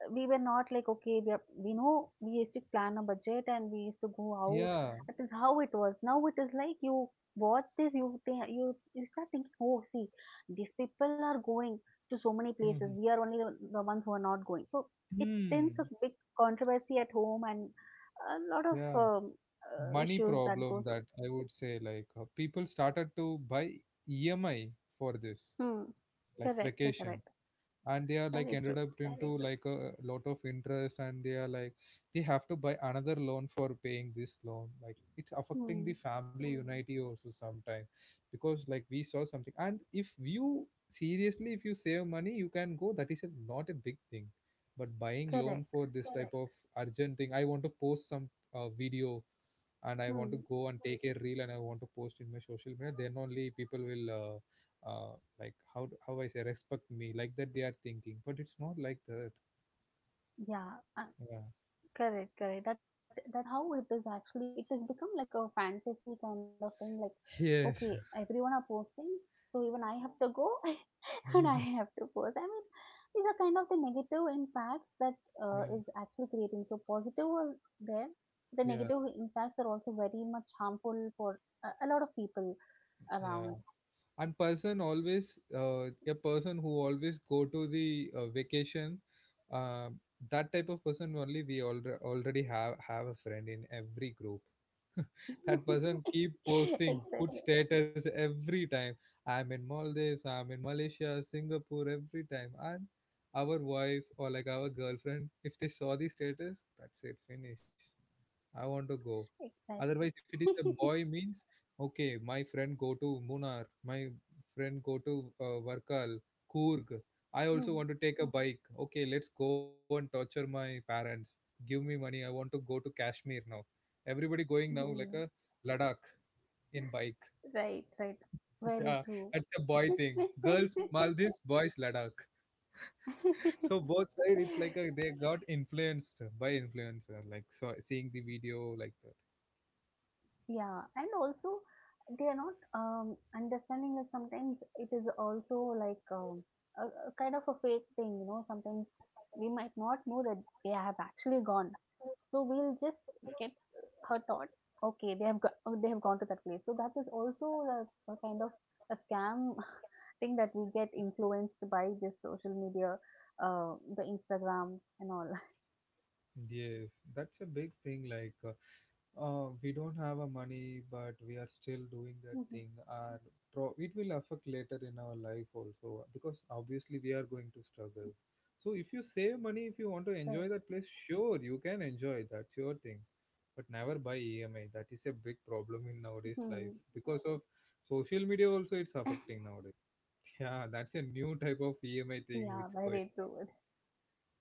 Speaker 2: we, were not like okay we know we used to plan a budget, and we used to go out,
Speaker 1: Yeah.
Speaker 2: that is how it was. Now it is like, you watch this, you think, you start thinking, oh, see, these people are going to so many places,
Speaker 1: Mhm.
Speaker 2: we are only the ones who are not going. So it tends a
Speaker 1: Hmm.
Speaker 2: big controversy at home, and a lot of
Speaker 1: Yeah. Money
Speaker 2: issues that
Speaker 1: problem,
Speaker 2: goes up.
Speaker 1: that I would say, like people started to buy EMI for this
Speaker 2: Hmm.
Speaker 1: like
Speaker 2: Correct.
Speaker 1: vacation.
Speaker 2: Correct.
Speaker 1: And they are like
Speaker 2: Very
Speaker 1: ended
Speaker 2: true.
Speaker 1: up into like a lot of interest, and they are like they have to buy another loan for paying this loan. Like it's affecting
Speaker 2: Hmm.
Speaker 1: the family unity also sometimes, because like we saw something, and if you seriously if you save money, you can go. That is a, not a big thing, but buying loan
Speaker 2: Correct.
Speaker 1: for this type of urgent thing. I want to post some video, and I want to
Speaker 2: Hmm.
Speaker 1: go and take a reel, and I want to post in my social media. Then only people will how I say respect me, like that they are thinking, but it's not like that.
Speaker 2: Yeah. Uh,
Speaker 1: Yeah.
Speaker 2: Correct, correct. That is how it is actually. It has become like a fantasy kind of thing. Like, okay, everyone are
Speaker 1: Yes.
Speaker 2: posting, so even I have to go, and I have to post. I mean, these are kind of the negative impacts that is
Speaker 1: Yeah.
Speaker 2: actually creating. So positive are there. The negative
Speaker 1: Yeah.
Speaker 2: impacts are also very much harmful for a lot of people around.
Speaker 1: Yeah. And person always a person who always go to the vacation. Uh, that type of person only we already have a friend in every group. That person keep posting
Speaker 2: Exactly,
Speaker 1: food status every time. I'm in Maldives, I'm in Malaysia, Singapore every time. And our wife or like our girlfriend, if they saw the status, that's it, finish. I want to go. Otherwise,
Speaker 2: exactly.
Speaker 1: if it is a boy, means okay, my friend go to Munar, my friend go to Varkal, Coorg. I also
Speaker 2: Mhm,
Speaker 1: want to take a bike. Okay, let's go and torture my parents. Give me money. I want to go to Kashmir now. Everybody going now like
Speaker 2: mhm.
Speaker 1: a Ladakh in bike.
Speaker 2: Right, right. Very
Speaker 1: Yeah,
Speaker 2: true.
Speaker 1: that's a boy thing. Girls Maldives, boys Ladakh. So
Speaker 2: Yeah.
Speaker 1: both side, it's like a, they got influenced by influencer, like so seeing the video, like
Speaker 2: And also they are not understanding that sometimes it is also like a, a kind of a fake thing sometimes we might not know that they have actually gone, so we'll just get her thought, okay, they have oh, they have gone to that place, so that is also a kind of a scam thing that we get influenced by this social media, the Instagram and all.
Speaker 1: yes, that's a big thing. Like, we don't have a money, but we are still doing that
Speaker 2: Mhm.
Speaker 1: thing, and it will affect later in our life also, because obviously we are going to struggle. So if you save money, if you want to
Speaker 2: Right.
Speaker 1: enjoy that place, sure, you can enjoy. That's your thing, but never buy EMI. That is a big problem in nowadays life
Speaker 2: Mhm.
Speaker 1: because of social media. Also, it's affecting nowadays. Yeah, that's a new type of EMI thing
Speaker 2: Yeah,
Speaker 1: which going,
Speaker 2: very true.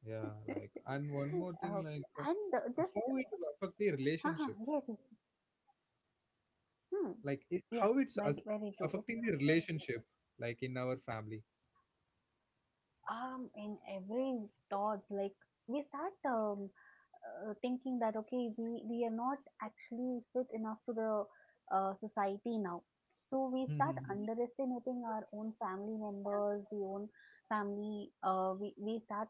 Speaker 1: yeah, like, and one more
Speaker 2: uh,
Speaker 1: thing, like,
Speaker 2: and just,
Speaker 1: how it will affect the
Speaker 2: uh-huh,
Speaker 1: relationship,
Speaker 2: yes, yes. Hmm,
Speaker 1: like, it,
Speaker 2: yeah,
Speaker 1: how
Speaker 2: very, very
Speaker 1: affecting the
Speaker 2: true.
Speaker 1: relationship, like, in our family.
Speaker 2: In every thoughts, like, we start thinking that okay, we are not actually fit enough to the society now. So we start
Speaker 1: Mhm.
Speaker 2: underestimating our own family members, the own family, we start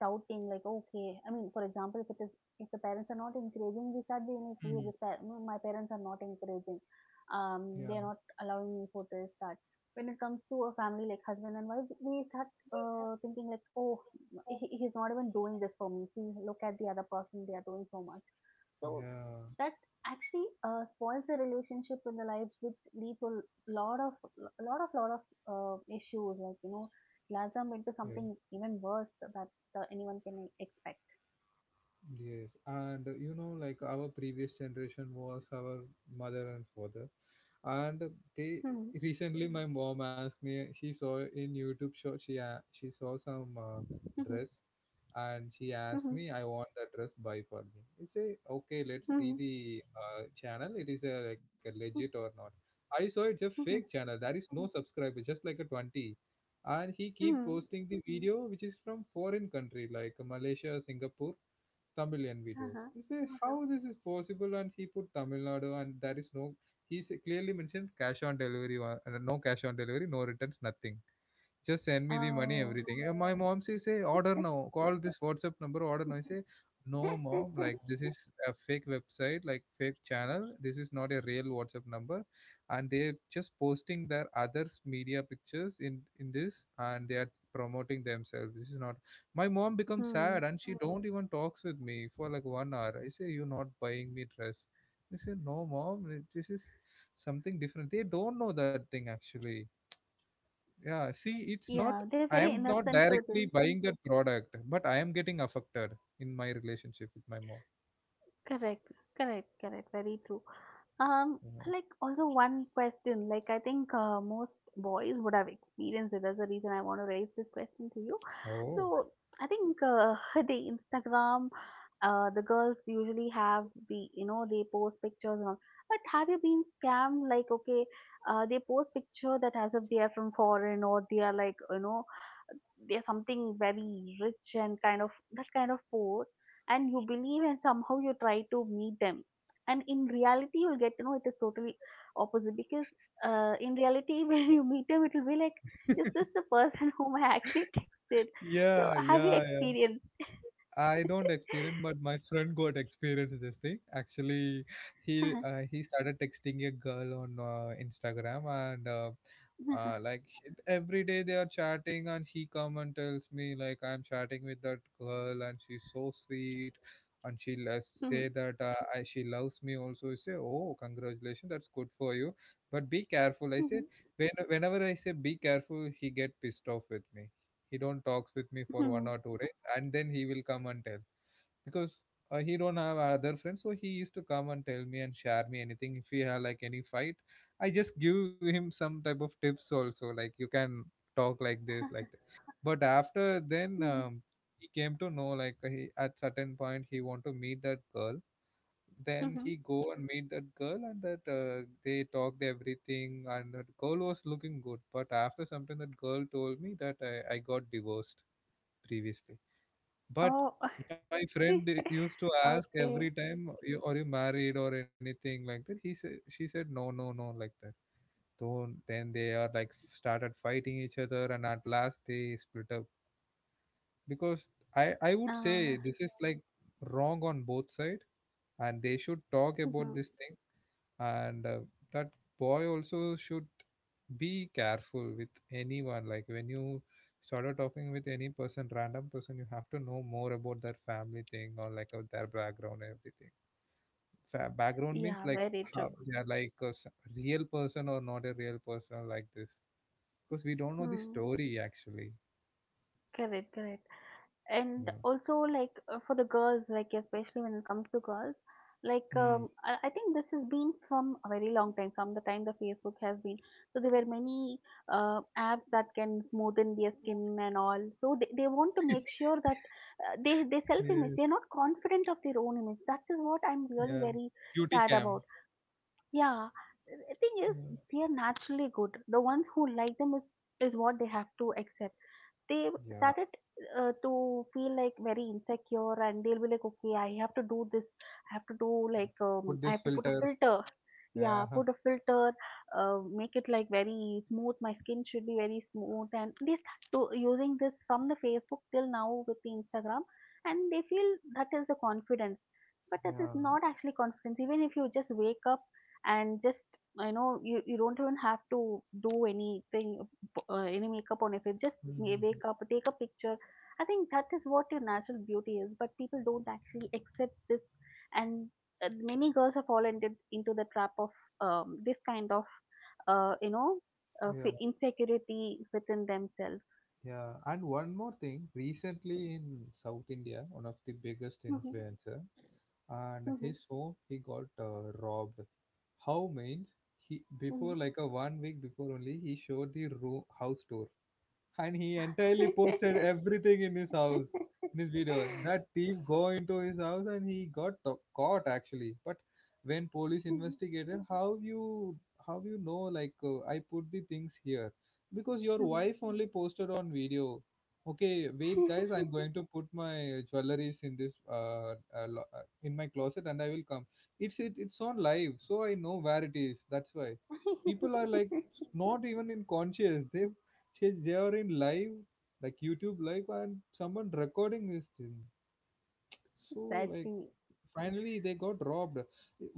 Speaker 2: doubting, like, okay, I mean, for example, if it is if the parents are not encouraging, we start being like, okay,
Speaker 1: Hmm.
Speaker 2: no, my parents are not encouraging, they are
Speaker 1: Yeah,
Speaker 2: not allowing me for this, that. When it comes to a family like husband and wife, we start thinking like, oh, he's not even doing this for me. See, look at the other person; they are doing so much. So
Speaker 1: yeah,
Speaker 2: that actually spoils the relationship in the life, which leads to lot of lot of issues. Like, glass them into
Speaker 1: yeah,
Speaker 2: something even worse that anyone can expect.
Speaker 1: yes. And you know, like our previous generation was our mother and father. And they
Speaker 2: Hmm.
Speaker 1: recently, my mom asked me, she saw in YouTube show, she saw some
Speaker 2: Hmm.
Speaker 1: dress, and she asked
Speaker 2: Hmm.
Speaker 1: me, I want the dress, buy for me. I say okay, let's see
Speaker 2: Hmm.
Speaker 1: the channel, it is a, like a legit or not. I saw it's a fake
Speaker 2: Hmm.
Speaker 1: channel, there is no subscriber, just like a 20, and he keep
Speaker 2: Hmm.
Speaker 1: posting the video which is from foreign country like Malaysia, Singapore, Tamilian videos.
Speaker 2: Uh-huh.
Speaker 1: He say how this is possible, and he put Tamil Nadu, and there is no, he clearly mentioned cash on delivery, no cash on delivery, no returns, nothing. Just send me the money,
Speaker 2: Oh.
Speaker 1: everything. And my mom she say, order now. Call this WhatsApp number, order now. I say, no, mom. Like this is a fake website, like fake channel. This is not a real WhatsApp number, and they're just posting their others media pictures in this, and they are promoting themselves. This is not. My mom becomes
Speaker 2: Hmm.
Speaker 1: sad, and she don't even talks with me for like 1 hour. I say, you're not buying me dress. They say, no, mom. This is something different. They don't know that thing actually. Yeah, see, it's not,
Speaker 2: Yeah, they're
Speaker 1: I
Speaker 2: very
Speaker 1: am not
Speaker 2: innocent to
Speaker 1: directly
Speaker 2: this.
Speaker 1: buying that product, but I am getting affected in my relationship with my mom.
Speaker 2: Correct, correct, correct. Very true. Um,
Speaker 1: Yeah.
Speaker 2: like, also one question, like I think most boys would have experienced it. That's the reason I want to raise this question to you.
Speaker 1: Oh,
Speaker 2: So I think the Instagram, the girls usually have the they post pictures and all. But have you been scammed? Like, okay, they post picture that as if they are from foreign, or they are like there's something very rich, and kind of that kind of poor, and you believe, and somehow you try to meet them, and in reality you'll get to know it is totally opposite, because in reality when you meet them it will be like, is this the person whom I actually texted? So
Speaker 1: yeah,
Speaker 2: have you
Speaker 1: yeah, yeah.
Speaker 2: experienced?
Speaker 1: I don't experience, but my friend got experience this thing. Actually, he started texting a girl on Instagram, and like every day they are chatting, and he come and tells me like I'm chatting with that girl, and she's so sweet, and she loves, say that I, she loves me also. I say, oh, congratulations, that's good for you, but be careful. I said, when whenever I say be careful, he get pissed off with me. He don't talks with me for 1 or 2 days, and then he will come and tell, because he don't have other friends, so he used to come and tell me and share me anything if we have like any fight. I just give him some type of tips also, like you can talk like this, like that. But after then he came to know like he at certain point he want to meet that girl. Then he go and meet that girl, and that they talked everything, and that girl was looking good, but after something that girl told me that I got divorced previously. But
Speaker 2: Oh.
Speaker 1: my friend used to ask
Speaker 2: Okay.
Speaker 1: every time, you, "Are you married or anything like that?" He said, "She said no, no, no, like that." So then they are like started fighting each other, and at last they split up. Because I would say
Speaker 2: uh,
Speaker 1: this is like wrong on both side, and they should talk about this thing. And that boy also should be careful with anyone. Like when you started talking with any person, random person, you have to know more about their family thing or like their background and everything. Background means
Speaker 2: yeah,
Speaker 1: like
Speaker 2: very
Speaker 1: how
Speaker 2: true.
Speaker 1: they are like a real person or not a real person like this, because we don't know the
Speaker 2: Hmm.
Speaker 1: story actually.
Speaker 2: Correct, correct. And
Speaker 1: Yeah.
Speaker 2: also like for the girls, like especially when it comes to girls, like
Speaker 1: Hmm.
Speaker 2: I think this has been from a very long time, from the time the Facebook has been. So there were many apps that can smoothen their skin and all, so they want to make sure that they self
Speaker 1: Yeah,
Speaker 2: image, they're not confident of their own image, that is what I'm really
Speaker 1: yeah,
Speaker 2: very
Speaker 1: beauty
Speaker 2: sad
Speaker 1: cam,
Speaker 2: about. Yeah, the thing is,
Speaker 1: yeah,
Speaker 2: they are naturally good, the ones who like them is what they have to accept. They
Speaker 1: yeah,
Speaker 2: started to feel like very insecure, and they'll be like, okay, I have to do this, I have to do like,
Speaker 1: put
Speaker 2: I
Speaker 1: this
Speaker 2: have to put a
Speaker 1: filter,
Speaker 2: filter,
Speaker 1: yeah.
Speaker 2: yeah, put a filter, make it like very smooth, my skin should be very smooth. And they start to, using this from the Facebook till now with the Instagram, and they feel that is the confidence. But that
Speaker 1: Yeah.
Speaker 2: is not actually confidence. Even if you just wake up and just you don't even have to do anything, any makeup on your face. Just
Speaker 1: Mhm.
Speaker 2: wake up, take a picture. I think that is what your natural beauty is, but people don't actually accept this. And Many girls have fallen into the trap of this kind of, uh, you know,
Speaker 1: Yeah.
Speaker 2: insecurity within themselves.
Speaker 1: Yeah, and one more thing, recently in South India, one of the biggest
Speaker 2: Mhm,
Speaker 1: influencer and
Speaker 2: mhm,
Speaker 1: his home, he got robbed. How means, he
Speaker 2: mhm,
Speaker 1: before like a 1 week before only, he showed the room house tour, and he entirely posted everything in his house, in his video. That thief go into his house, and he got caught actually. But when police
Speaker 2: mhm,
Speaker 1: investigated, how you know, like, I put the things here because your
Speaker 2: mhm.
Speaker 1: wife only posted on video. Okay, wait guys, I'm going to put my jewelries in this in my closet and I will come. It's on live, so I know where it is. That's why people are like not even in conscious, they she they are in live, like youtube live and someone recording this thing, so like
Speaker 2: Exactly.
Speaker 1: finally they got robbed.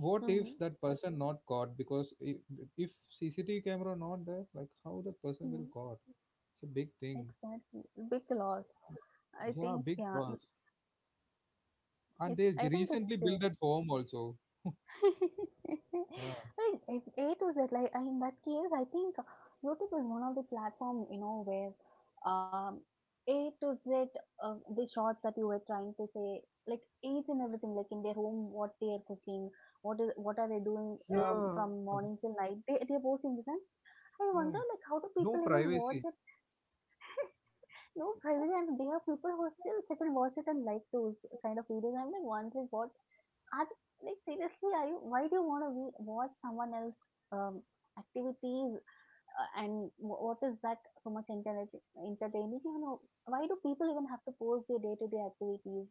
Speaker 1: What if
Speaker 2: Mm-hmm.
Speaker 1: that person not caught? Because if cctv camera not there, like how that person
Speaker 2: Mm-hmm.
Speaker 1: will caught? It's a big thing.
Speaker 2: Exactly. Big loss. I
Speaker 1: Yeah,
Speaker 2: think
Speaker 1: big
Speaker 2: yeah.
Speaker 1: loss. And
Speaker 2: It's
Speaker 1: they
Speaker 2: I think it's
Speaker 1: recently
Speaker 2: there.
Speaker 1: built at home also. Yeah,
Speaker 2: I mean, if A to Z, like I, in that case, I think YouTube is one of the platform where um, A to Z of the shots that you were trying to say, like each and everything, like in their home, what they are cooking, what are they doing
Speaker 1: yeah,
Speaker 2: from morning till night, they are posting this, and I
Speaker 1: yeah.
Speaker 2: wonder like how do
Speaker 1: No
Speaker 2: people even
Speaker 1: privacy.
Speaker 2: watch it? No, privately, and there are people who still sit and watch it and like those kind of videos. I'm like wondering what are they, like seriously? Are you? Why do you want to watch someone else um, activities? And what is that so much internet entertaining? Why do people even have to post their day to day activities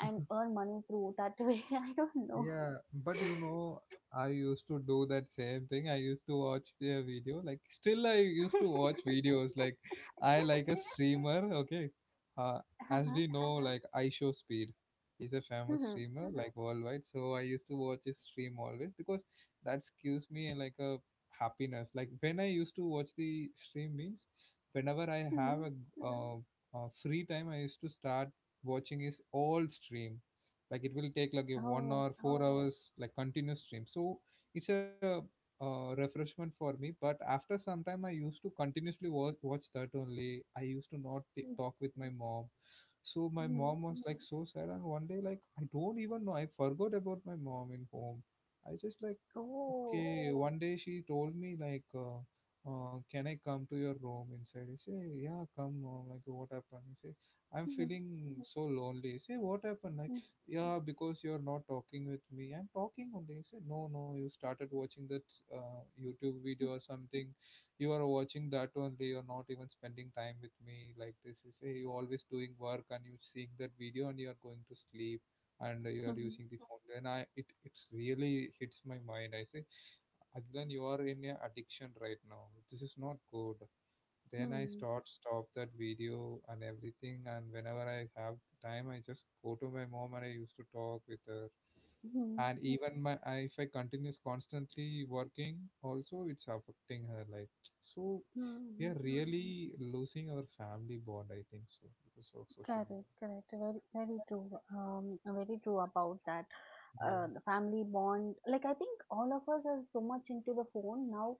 Speaker 2: and earn money through that way? I don't know.
Speaker 1: Yeah, but you know, I used to do that same thing. I used to watch their video. Like, still, I used to watch videos. Like, I like a streamer. Okay, uh, as
Speaker 2: Uh-huh.
Speaker 1: we know, like I show Speed, he's a famous
Speaker 2: Hmm.
Speaker 1: streamer like worldwide. So I used to watch his stream always because that gives me like a happiness. Like when I used to watch the stream means, whenever I have
Speaker 2: Hmm.
Speaker 1: a uh, free time, I used to start watching his all stream. Like it will take like a one
Speaker 2: Oh.
Speaker 1: or four hours like continuous stream, so it's a refreshment for me. But after some time, I used to continuously watch that only. I used to not
Speaker 2: Mm-hmm.
Speaker 1: talk with my mom, so my mom was like so sad. And one day, like I don't even know, I forgot about my mom in home. I just like
Speaker 2: Oh.
Speaker 1: okay. One day, she told me like can I come to your room inside? I say yeah, come mom, like what happened? I say I'm
Speaker 2: Mm-hmm.
Speaker 1: feeling so lonely. I say what happened? Like
Speaker 2: Mm-hmm.
Speaker 1: yeah, because you're not talking with me, I'm talking only. He said no, no, you started watching that youtube video or something. You are watching that only, you're not even spending time with me. Like, this is, hey, you always doing work and you seeing that video and you're going to sleep and you are
Speaker 2: Mm-hmm.
Speaker 1: using the phone. Then I it it's really hits my mind. I say, Adlan, you are in a addiction right now, this is not good. Then I start stop that video and everything, and whenever I have time, I just go to my mom and I used to talk with her.
Speaker 2: Mm-hmm.
Speaker 1: And even my if I continues constantly working, also it's affecting her life. So we
Speaker 2: Mm-hmm.
Speaker 1: are really losing our family bond, I think so, because of social
Speaker 2: Correct,
Speaker 1: media.
Speaker 2: correct. Very, very true. Very true about that.
Speaker 1: Yeah,
Speaker 2: The family bond. Like I think all of us are so much into the phone now.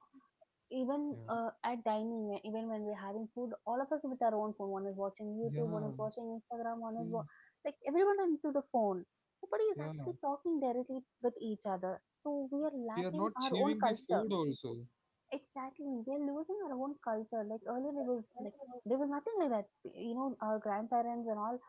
Speaker 2: Even
Speaker 1: yeah,
Speaker 2: at dining, even when we're having food, all of us with our own phone. One is watching YouTube, one is
Speaker 1: yeah,
Speaker 2: watching Instagram,
Speaker 1: yes,
Speaker 2: like everyone is into the phone. Nobody is
Speaker 1: yeah.
Speaker 2: actually talking directly with each other. So we are
Speaker 1: We are
Speaker 2: lacking
Speaker 1: not
Speaker 2: our own
Speaker 1: achieving the
Speaker 2: culture.
Speaker 1: food also.
Speaker 2: Exactly, we are losing our own culture. Like earlier, it was like there was nothing like that. You know, our grandparents and all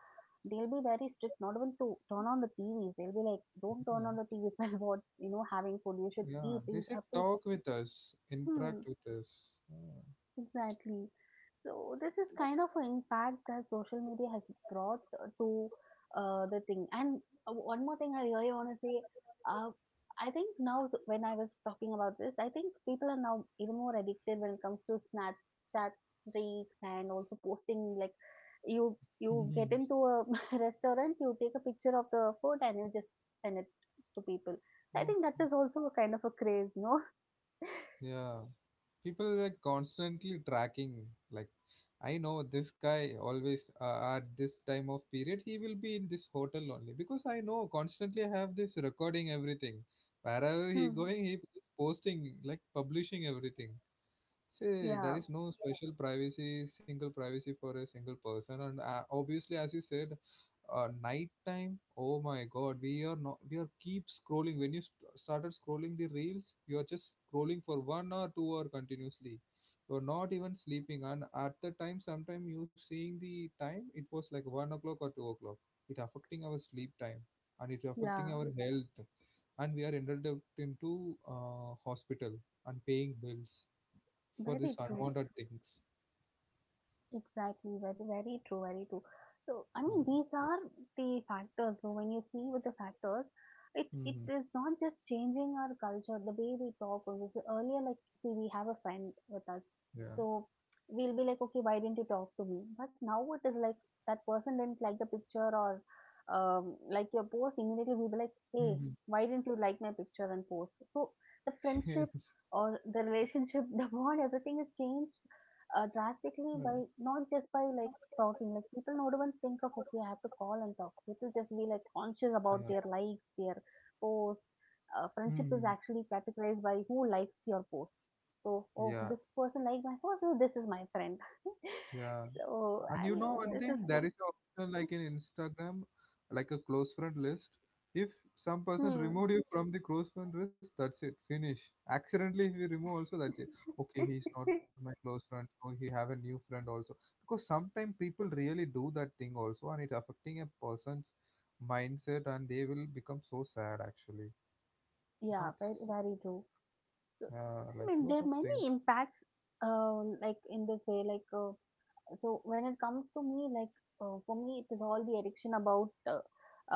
Speaker 2: they'll be very strict, not even to turn on the TVs. They'll be like, don't turn on the
Speaker 1: Yeah,
Speaker 2: TVs while what you know having food. You should eat.
Speaker 1: yeah.
Speaker 2: You
Speaker 1: They
Speaker 2: up
Speaker 1: said
Speaker 2: to.
Speaker 1: talk with us,
Speaker 2: Hmm.
Speaker 1: interact with us. Yeah.
Speaker 2: Exactly. So this is kind of an impact that social media has brought to the thing. And One more thing I really want to say, uh, I think when I was talking about this, I think people are now even more addicted when it comes to Snapchat streaks and also posting like you get into a restaurant, you take a picture of the food and you just send it to people. So I think that
Speaker 1: Okay.
Speaker 2: is also a kind of a craze, no?
Speaker 1: Yeah, people like constantly tracking. Like, I know this guy always at this time of period he will be in this hotel only, because I know constantly I have this recording everything. Wherever he
Speaker 2: Hmm.
Speaker 1: going, he is posting like publishing everything. Say there
Speaker 2: Yeah,
Speaker 1: is no special privacy, single privacy for a single person, and obviously, as you said, night time, oh my god, we are not, we are keep scrolling. When you started scrolling the reels, you are just scrolling for 1 or 2 hour continuously. You're not even sleeping, and at the time, sometime you seeing the time, it was like 1 o'clock or 2 o'clock. It affecting our sleep time and it affecting
Speaker 2: yeah,
Speaker 1: our health, and we are ended up into hospital and paying bills for
Speaker 2: very
Speaker 1: this
Speaker 2: true.
Speaker 1: unwanted things.
Speaker 2: Exactly, very, very true, very true. So, I
Speaker 1: Oh
Speaker 2: mean,
Speaker 1: my
Speaker 2: these
Speaker 1: god.
Speaker 2: are the factors. So, when you see with the factors, it
Speaker 1: Hmm.
Speaker 2: is not just changing our culture, the way we talk. Or this earlier, like, see, we have a friend with us,
Speaker 1: Yeah.
Speaker 2: so we'll be like, okay, why didn't you talk to me? But now it is like that person didn't like the picture or like your post. Immediately, we'll be like, hey,
Speaker 1: Hmm.
Speaker 2: why didn't you like my picture and post? So the friendship or the relationship, the bond, everything is changed drastically by
Speaker 1: Yes.
Speaker 2: not just by like talking like people do not even think of okay I have to call and talk, people just be like conscious about their
Speaker 1: Yeah.
Speaker 2: likes, their posts. Friendship is
Speaker 1: Mm.
Speaker 2: actually categorized by who likes your post, so oh this
Speaker 1: Yeah,
Speaker 2: person liked my post so this is my friend.
Speaker 1: yeah.
Speaker 2: So
Speaker 1: And
Speaker 2: I
Speaker 1: you
Speaker 2: mean
Speaker 1: know one
Speaker 2: this is
Speaker 1: thing,
Speaker 2: what.
Speaker 1: there is an option like in Instagram, like a close friend list. If some person
Speaker 2: Hmm.
Speaker 1: removed you from the close friend list, that's it, finish. Accidentally, if you remove also, that's it. Okay, he's not my close friend, so he have a new friend also. Because sometimes people really do that thing also, and it affecting a person's mindset, and they will become so sad actually.
Speaker 2: Yeah, very
Speaker 1: That's
Speaker 2: very true. So I
Speaker 1: like
Speaker 2: mean there
Speaker 1: lot
Speaker 2: are
Speaker 1: of
Speaker 2: many
Speaker 1: things.
Speaker 2: impacts like in this way like so when it comes to me like for me it is all the addiction about uh,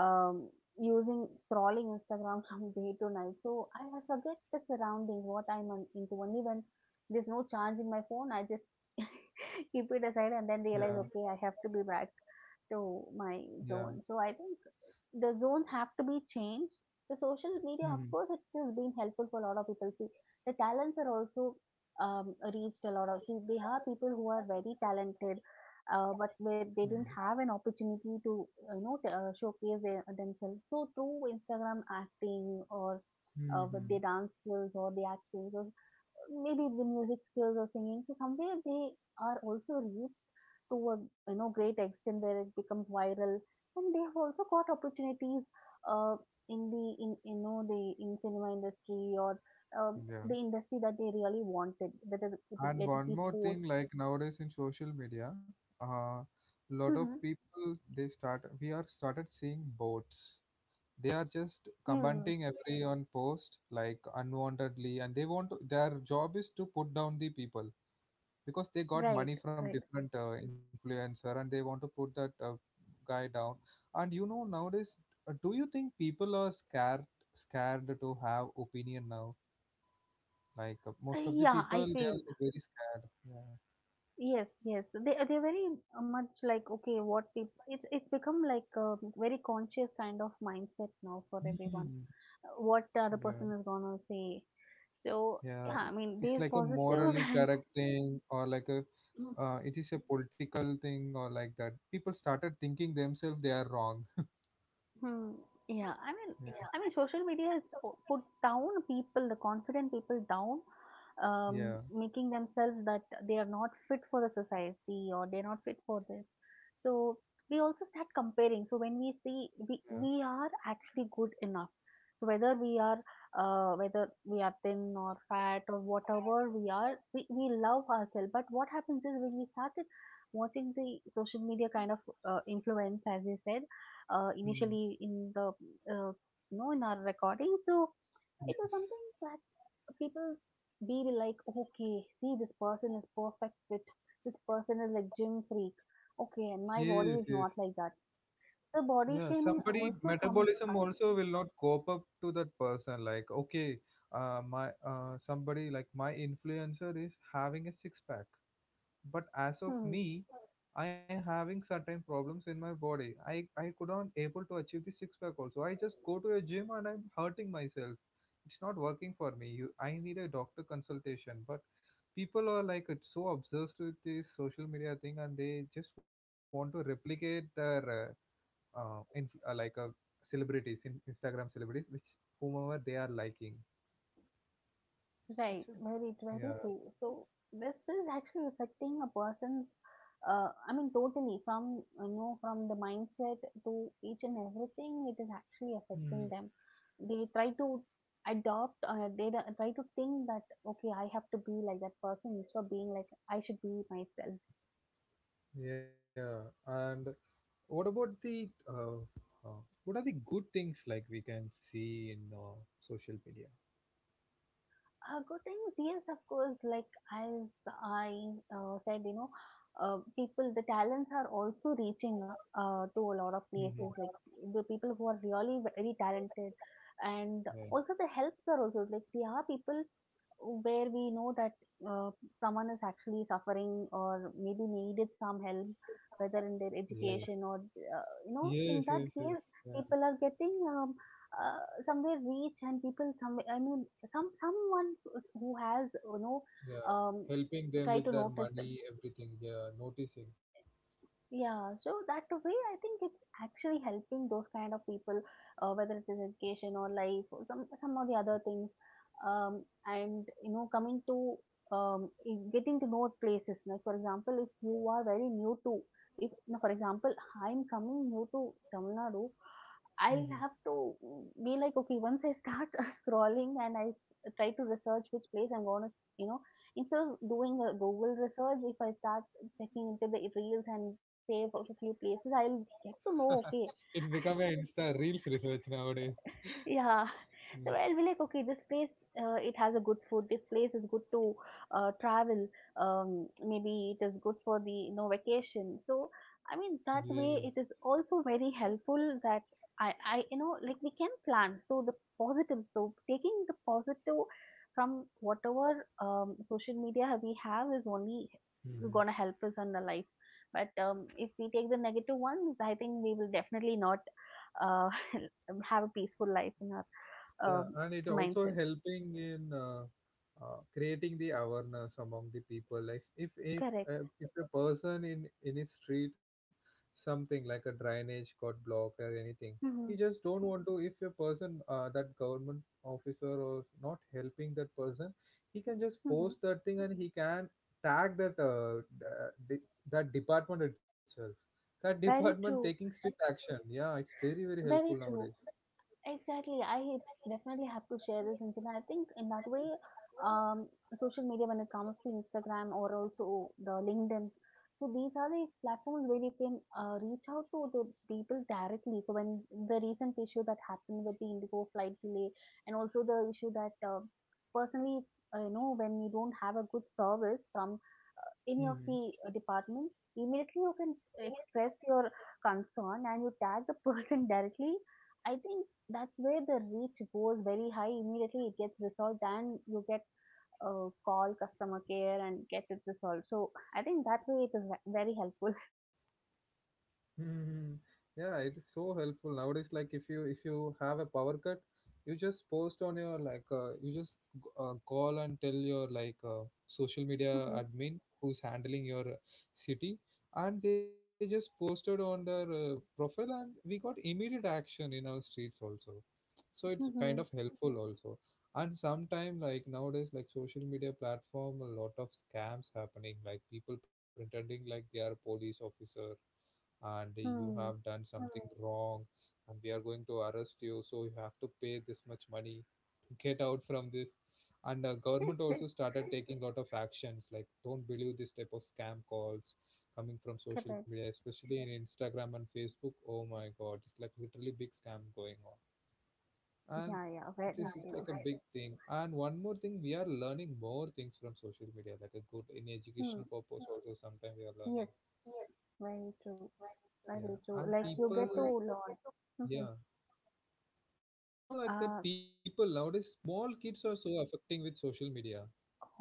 Speaker 2: um, using scrolling Instagram from day to night, so I forget the surrounding what I'm into, only when there's no charge in my phone I just keep it aside and then
Speaker 1: Yeah.
Speaker 2: realize okay I have to be back to my
Speaker 1: Yeah.
Speaker 2: zone. So I think the zones have to be changed. The social media, of
Speaker 1: Hmm.
Speaker 2: course, it has been helpful for a lot of people. See, the talents are also reached a lot of. See, they are people who are very talented, but where
Speaker 1: Mm.
Speaker 2: they didn't have an opportunity to, you know, showcase their, themselves. So through Instagram acting or with their
Speaker 1: Hmm.
Speaker 2: dance skills or the acting, those maybe the music skills or singing. So somewhere they are also reached to a you know great extent where it becomes viral, and they have also got opportunities uh, in the in you know the in cinema industry or
Speaker 1: Yeah.
Speaker 2: the industry that they really wanted, whether it
Speaker 1: And
Speaker 2: let it
Speaker 1: one
Speaker 2: be
Speaker 1: more thing,
Speaker 2: sports.
Speaker 1: like nowadays in social media, uh, lot of
Speaker 2: Mm-hmm.
Speaker 1: people they started seeing bots. They are just
Speaker 2: Hmm.
Speaker 1: commenting every on post like unwantedly, and they want to, their job is to put down the people, because they got
Speaker 2: Right.
Speaker 1: money from
Speaker 2: Right.
Speaker 1: different influencer and they want to put that guy down. And you know nowadays, do you think people are scared to have opinion now? Like most of the
Speaker 2: Yeah, I
Speaker 1: people they
Speaker 2: feel.
Speaker 1: are like, very scared. Yeah.
Speaker 2: Yes, yes. They they're very much like okay, what people, it's become like a very conscious kind of mindset now for
Speaker 1: Mm,
Speaker 2: everyone. What the other
Speaker 1: yeah.
Speaker 2: person is gonna say. So
Speaker 1: Yeah,
Speaker 2: yeah, I mean
Speaker 1: it's
Speaker 2: there's
Speaker 1: like a
Speaker 2: positives
Speaker 1: morally
Speaker 2: and
Speaker 1: correct thing or like a, it is a political thing or like that, people started thinking themselves they are wrong.
Speaker 2: hmm. Yeah.
Speaker 1: Yeah.
Speaker 2: I mean, social media has put down people, the confident people down,
Speaker 1: Yeah.
Speaker 2: making themselves that they are not fit for the society or they're not fit for this. So we also start comparing. So when we see we
Speaker 1: Yeah.
Speaker 2: we are actually good enough, so whether we are thin or fat or whatever we are, we love ourselves. But what happens is when we started watching the social media kind of influence, as you said
Speaker 1: Mm,
Speaker 2: initially in the uh, you know in our recording. So it was
Speaker 1: yes.
Speaker 2: something that people be like, okay, see this person is perfect fit. This person is like gym freak. Okay, and my
Speaker 1: Yes.
Speaker 2: body is
Speaker 1: Yes.
Speaker 2: not like that. So body
Speaker 1: Yeah,
Speaker 2: shaming
Speaker 1: somebody
Speaker 2: also comes.
Speaker 1: metabolism also will not cope up to that person. Like, okay, my somebody like my influencer is having a six pack, but as of
Speaker 2: Hmm.
Speaker 1: me, I am having certain problems in my body. I could not able to achieve the six pack also. I just go to a gym and I'm hurting myself. It's not working for me. You, I need a doctor consultation. But people are like so obsessed with this social media thing, and they just want to replicate their in, like celebrities in Instagram celebrities, which whomever they are liking.
Speaker 2: Right, very, very true.
Speaker 1: Yeah.
Speaker 2: So this is actually affecting a person's, I mean, totally from you know from the mindset to each and everything. It is actually affecting them.
Speaker 1: Mm,
Speaker 2: They try to adopt. They try to think that okay, I have to be like that person instead of being like I should be myself.
Speaker 1: yeah. And what about the uh, what are the good things like we can see in social media?
Speaker 2: Good things, yes, of course. Like as I said, you know, people, the talents are also reaching to a lot of places.
Speaker 1: Mhm.
Speaker 2: Like the people who are really very talented, and also
Speaker 1: Yeah.
Speaker 2: the helps are also like there are people where we know that uh, someone is actually suffering or maybe needed some help whether in their education
Speaker 1: Yes.
Speaker 2: or you know in that
Speaker 1: Yes. Yes.
Speaker 2: case
Speaker 1: Yes.
Speaker 2: people
Speaker 1: Yeah.
Speaker 2: are getting somewhere reach and people someone who has you know
Speaker 1: Yeah.
Speaker 2: um, try
Speaker 1: Helping
Speaker 2: to
Speaker 1: them with
Speaker 2: notice
Speaker 1: their
Speaker 2: them.
Speaker 1: money, everything. Yeah. Noticing.
Speaker 2: Yeah, so that way I think it's actually helping those kind of people, whether it is education or life or some of the other
Speaker 1: Yeah.
Speaker 2: things, and you know coming to getting to know places. Like for example, if you are very new to, if no, for example I'm coming new to Tamil Nadu, I'll
Speaker 1: Yeah.
Speaker 2: have
Speaker 1: Mhm.
Speaker 2: to mm, be like, okay, once I start scrolling and I try to research which place I'm going to, you know, instead of doing a Google research, if I start checking into the reels and save of a few places, I'll get to know,
Speaker 1: It's
Speaker 2: okay,
Speaker 1: become an Insta Reels research nowadays.
Speaker 2: yeah.
Speaker 1: Yeah.
Speaker 2: So I'll be like, okay, this place, it has a good food. This place is good to travel. Maybe it is good for the, you know, vacation. So, I mean, that
Speaker 1: Yeah.
Speaker 2: way it is also very helpful that you know, like we can plan. So the positive, so taking the positive from whatever social media we have is only
Speaker 1: Hmm.
Speaker 2: going to help us on the life. But if we take the negative ones, I think we will definitely not. Uh, have a peaceful life in our
Speaker 1: Yeah,
Speaker 2: um
Speaker 1: and it also
Speaker 2: mindset.
Speaker 1: helping in creating the awareness among the people. Like
Speaker 2: Correct.
Speaker 1: if a person in his street, something like a drainage got blocked or anything, he
Speaker 2: Mm-hmm.
Speaker 1: just don't want to. If a person, that government officer or not helping that person, he can just
Speaker 2: Mm-hmm.
Speaker 1: post that thing and he can tag that that department itself. That
Speaker 2: Very
Speaker 1: department taking
Speaker 2: true.
Speaker 1: strict action. Yeah, it's very very helpful
Speaker 2: Very
Speaker 1: nowadays.
Speaker 2: true. Exactly. I definitely have to share this incident. I think in that way, um, social media, when it comes to Instagram or also the LinkedIn, so these are the platforms where you can reach out to the people directly. So when the recent issue that happened with the Indigo flight delay, and also the issue that personally, you know, when you don't have a good service from any of
Speaker 1: Mm-hmm.
Speaker 2: the departments, immediately you can express your concern and you tag the person directly. I think that's where the reach goes very high, immediately it gets resolved and you get call customer care and get it resolved. So I think that way it is very helpful.
Speaker 1: Hmm. Yeah, it is so helpful nowadays. Like if you have a power cut, you just post on your, like you just call and tell your, like social media
Speaker 2: Hmm.
Speaker 1: admin who's handling your city, and they just posted on their profile, and we got immediate action in our streets also. So it's kind of
Speaker 2: Hmm.
Speaker 1: helpful also. And sometime like nowadays, like social media platform, a lot of scams happening. Like, people pretending like they are police officer and you have
Speaker 2: Hmm.
Speaker 1: done something wrong and we are going to arrest you, so you have to pay this much money to get out from this. And government also started taking lot of actions like, don't believe this type of scam calls coming from social media,
Speaker 2: Correct.
Speaker 1: especially in instagram and facebook. Oh my god, it's like literally big scam going on. And
Speaker 2: Yeah, yeah, very
Speaker 1: this is like a
Speaker 2: true.
Speaker 1: big thing. And one more thing, we are learning more things from social media like a good in
Speaker 2: Hmm.
Speaker 1: educational purpose also, sometimes we are
Speaker 2: Yes,
Speaker 1: learning.
Speaker 2: very true, very
Speaker 1: Yeah,
Speaker 2: true,
Speaker 1: and
Speaker 2: like you get to
Speaker 1: people,
Speaker 2: learn. hmm
Speaker 1: yeah, you know, like
Speaker 2: uh,
Speaker 1: that, people nowadays, small kids are so affecting with social media.